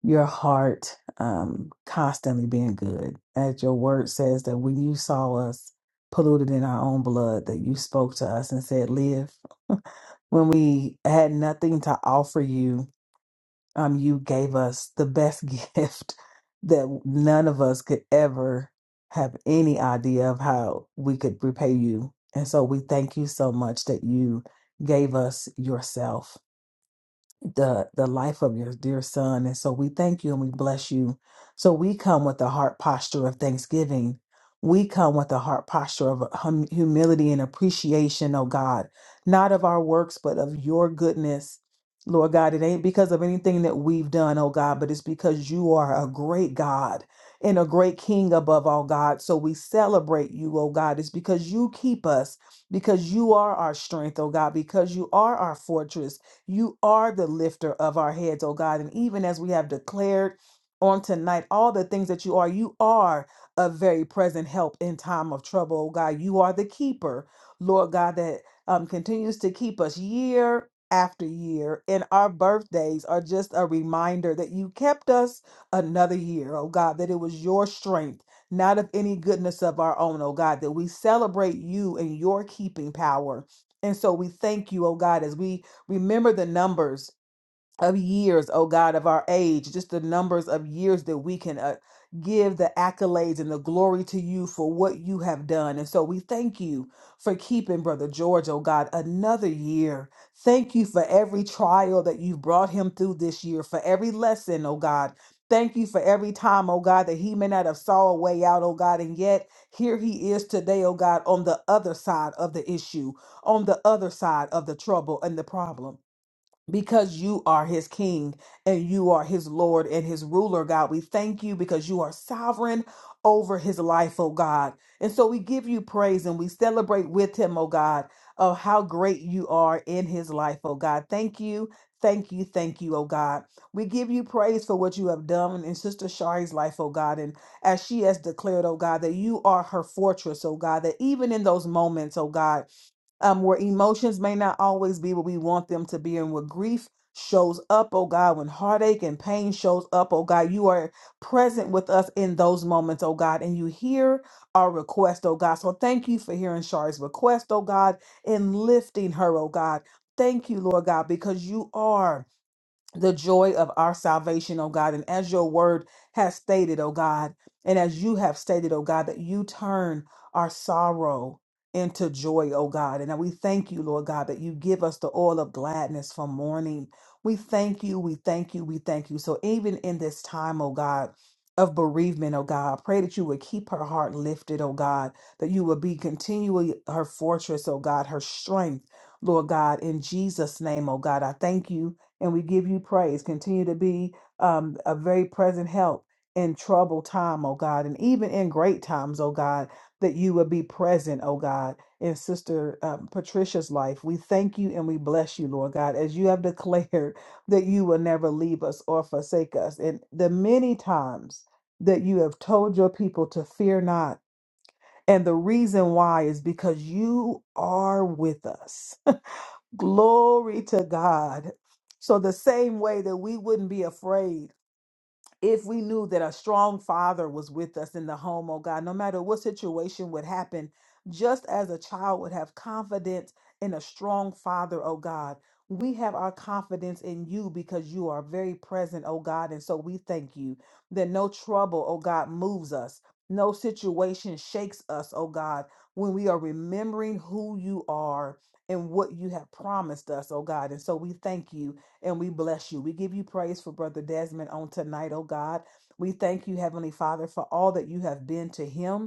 your heart um, constantly being good. As your word says, that when you saw us polluted in our own blood, that you spoke to us and said, Live. when we had nothing to offer you, um, you gave us the best gift that none of us could ever have any idea of how we could repay you. And so we thank you so much that you gave us yourself the the life of your dear son and so we thank you and we bless you so we come with a heart posture of thanksgiving we come with a heart posture of hum- humility and appreciation oh god not of our works but of your goodness lord god it ain't because of anything that we've done oh god but it's because you are a great god and a great king above all god so we celebrate you oh god it's because you keep us because you are our strength oh god because you are our fortress you are the lifter of our heads, oh God. And even as we have declared on tonight, all the things that you are, you are a very present help in time of trouble, oh God. You are the keeper, Lord God, that um, continues to keep us year after year. And our birthdays are just a reminder that you kept us another year, oh God, that it was your strength not of any goodness of our own, oh God, that we celebrate you and your keeping power. And so we thank you, oh God, as we Remember the numbers of years, oh God, of our age, just the numbers of years that we can uh, give the accolades and the glory to you for what you have done. And so we thank you for keeping Brother George, oh God, another year. Thank you for every trial that you've brought him through this year, for every lesson, oh God. Thank you for every time, oh God, that he may not have saw a way out, oh God, and yet here he is today, oh God, on the other side of the issue, on the other side of the trouble and the problem because you are his king and you are his lord and his ruler, God. We thank you because you are sovereign over his life, oh God. And so we give you praise and we celebrate with him, oh God, of how great you are in his life, oh God. Thank you. Thank you, thank you, oh God. We give you praise for what you have done in Sister Shari's life, oh God. And as she has declared, oh God, that you are her fortress, oh God, that even in those moments, oh God, um, where emotions may not always be what we want them to be, and where grief shows up, oh God, when heartache and pain shows up, oh God, you are present with us in those moments, oh God, and you hear our request, oh God. So thank you for hearing Shari's request, oh God, and lifting her, oh God. Thank you, Lord God, because you are the joy of our salvation, oh God. And as your word has stated, oh God, and as you have stated, oh God, that you turn our sorrow into joy, oh God. And we thank you, Lord God, that you give us the oil of gladness from mourning. We thank you, we thank you, we thank you. So even in this time, oh God, of bereavement, oh God, I pray that you would keep her heart lifted, oh God, that you would be continually her fortress, oh God, her strength, Lord God, in Jesus' name, oh God. I thank you and we give you praise. Continue to be um, a very present help in troubled time, oh God, and even in great times, oh God, that you would be present, oh God, in Sister um, Patricia's life. We thank you and we bless you, Lord God, as you have declared that you will never leave us or forsake us. And the many times that you have told your people to fear not. And the reason why is because you are with us. Glory to God. So, the same way that we wouldn't be afraid if we knew that a strong father was with us in the home, oh God, no matter what situation would happen, just as a child would have confidence in a strong father, oh God, we have our confidence in you because you are very present, oh God. And so we thank you that no trouble, oh God, moves us. No situation shakes us, oh God, when we are remembering who you are and what you have promised us, oh God. And so we thank you and we bless you. We give you praise for Brother Desmond on tonight, oh God. We thank you, Heavenly Father, for all that you have been to him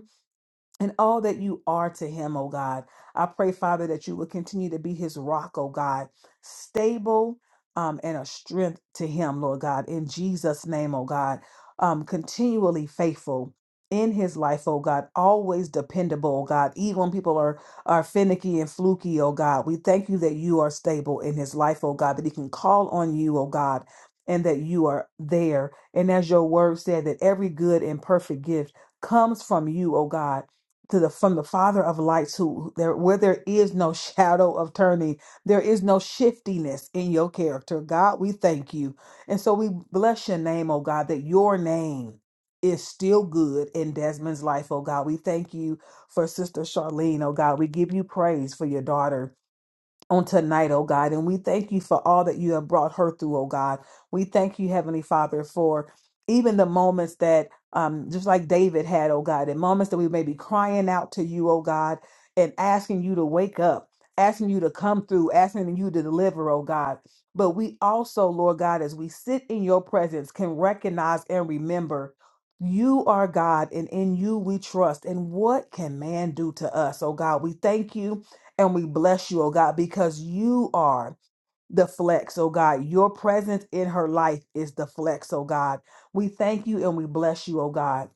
and all that you are to him, oh God. I pray, Father, that you will continue to be his rock, oh God, stable um, and a strength to him, Lord God, in Jesus' name, oh God, um, continually faithful in his life, oh God, always dependable, oh God, even when people are, are finicky and fluky, oh God. We thank you that you are stable in his life, oh God, that he can call on you, oh God. And that you are there. And as your word said, that every good and perfect gift comes from you, oh God to the from the father of lights who there where there is no shadow of turning there is no shiftiness in your character god we thank you and so we bless your name oh god that your name is still good in desmond's life oh god we thank you for sister charlene oh god we give you praise for your daughter on tonight, oh God. And we thank you for all that you have brought her through, oh God. We thank you, Heavenly Father, for even the moments that, um, just like David had, oh God, the moments that we may be crying out to you, oh God, and asking you to wake up, asking you to come through, asking you to deliver, oh God. But we also, Lord God, as we sit in your presence, can recognize and remember. You are God, and in you we trust. And what can man do to us? Oh God, we thank you and we bless you, oh God, because you are the flex, oh God. Your presence in her life is the flex, oh God. We thank you and we bless you, oh God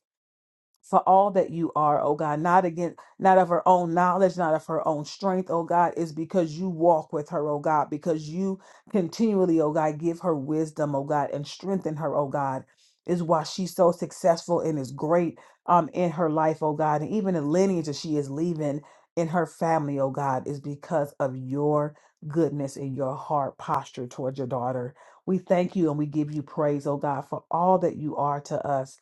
for all that you are, oh God, not again, not of her own knowledge, not of her own strength, oh God, is because you walk with her, oh God, because you continually, oh God, give her wisdom, oh God, and strengthen her, oh God, is why she's so successful and is great um in her life, oh God, and even the lineage that she is leaving in her family, oh God, is because of your goodness and your heart posture towards your daughter. We thank you and we give you praise, oh God, for all that you are to us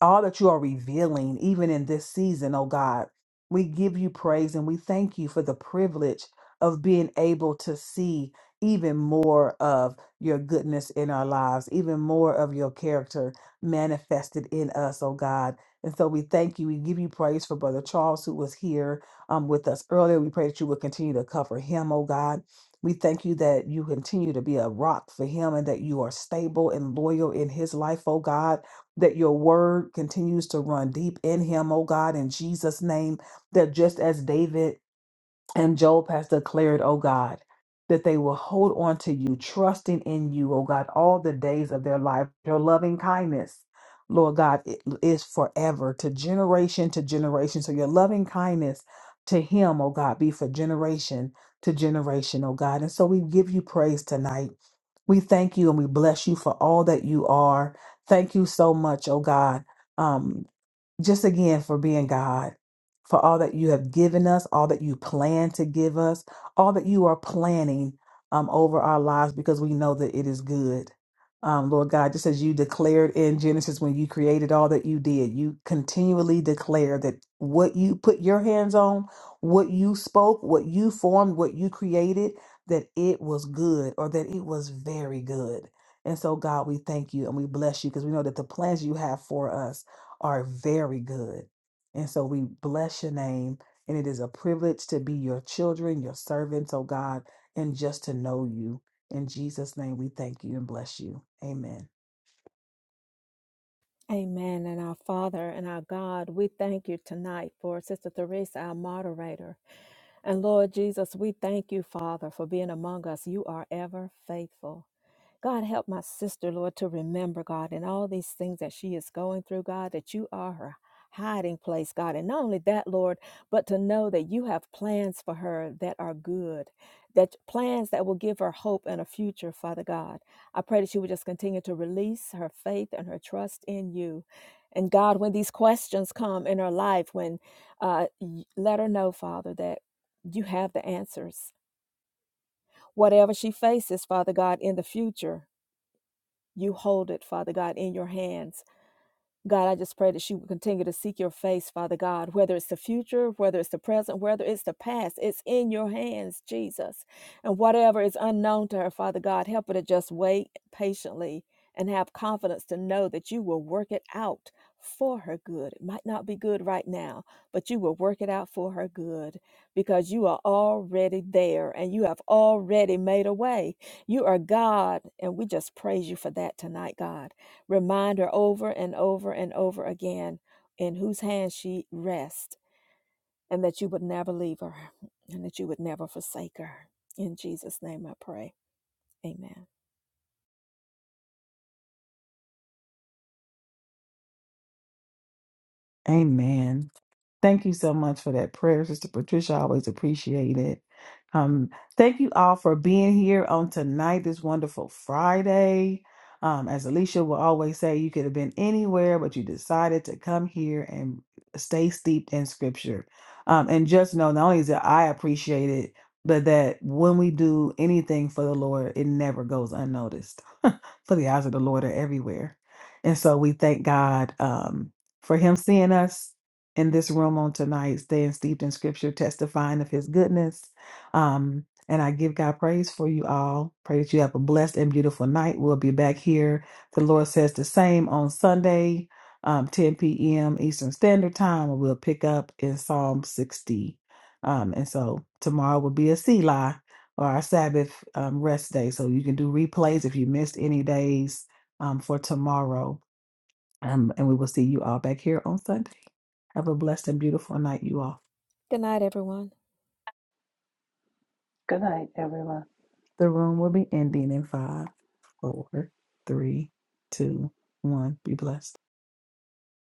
all that you are revealing, even in this season, oh God. We give you praise and we thank you for the privilege of being able to see even more of your goodness in our lives, even more of your character manifested in us, oh God. And so we thank you. We give you praise for Brother Charles, who was here um, with us earlier. We pray that you would continue to cover him, oh God. We thank you that you continue to be a rock for him and that you are stable and loyal in his life, oh God that your word continues to run deep in him, oh God, in Jesus' name, that just as David and Job has declared, oh God, that they will hold on to you, trusting in you, oh God, all the days of their life. Your loving kindness, Lord God, it is forever to generation to generation. So your loving kindness to him, oh God, be for generation to generation, oh God. And so we give you praise tonight. We thank you and we bless you for all that you are. Thank you so much, oh God. Um, just again for being God, for all that you have given us, all that you plan to give us, all that you are planning um, over our lives because we know that it is good. Um, Lord God, just as you declared in Genesis when you created all that you did, you continually declare that what you put your hands on, what you spoke, what you formed, what you created, that it was good or that it was very good. And so, God, we thank you and we bless you because we know that the plans you have for us are very good. And so we bless your name. And it is a privilege to be your children, your servants, oh God, and just to know you. In Jesus' name, we thank you and bless you. Amen.
Amen. And our Father and our God, we thank you tonight for Sister Teresa, our moderator. And Lord Jesus, we thank you, Father, for being among us. You are ever faithful. God, help my sister, Lord, to remember, God, and all these things that she is going through, God, that you are her hiding place, God. And not only that, Lord, but to know that you have plans for her that are good, that plans that will give her hope and a future, Father God. I pray that you would just continue to release her faith and her trust in you. And God, when these questions come in her life, when uh, y- let her know, Father, that you have the answers. Whatever she faces, Father God, in the future, you hold it, Father God, in your hands. God, I just pray that she would continue to seek your face, Father God, whether it's the future, whether it's the present, whether it's the past, it's in your hands, Jesus. And whatever is unknown to her, Father God, help her to just wait patiently and have confidence to know that you will work it out for her good. It might not be good right now, but you will work it out for her good because you are already there and you have already made a way. You are God, and we just praise you for that tonight, God. Remind her over and over and over again in whose hands she rests and that you would never leave her and that you would never forsake her. In Jesus' name I pray. Amen.
Amen. Thank you so much for that prayer, Sister Patricia. I always appreciate it. Um, thank you all for being here on tonight, this wonderful Friday. Um, as Alicia will always say, you could have been anywhere, but you decided to come here and stay steeped in scripture. Um, and just know not only is that I appreciate it, but that when we do anything for the Lord, it never goes unnoticed. for the eyes of the Lord are everywhere. And so we thank God um, for Him seeing us in this room on tonight, staying steeped in scripture, testifying of his goodness. Um, and I give God praise for you all. Pray that you have a blessed and beautiful night. We'll be back here. The Lord says the same on Sunday, um, 10 p.m. Eastern Standard Time, and we'll pick up in Psalm 60. Um, and so tomorrow will be a Selah or our Sabbath um, rest day. So you can do replays if you missed any days um, for tomorrow. Um, and we will see you all back here on Sunday. Have a blessed and beautiful night, you all.
Good night, everyone.
night, everyone.
The room will be ending in five, four, three, two, one. Be blessed.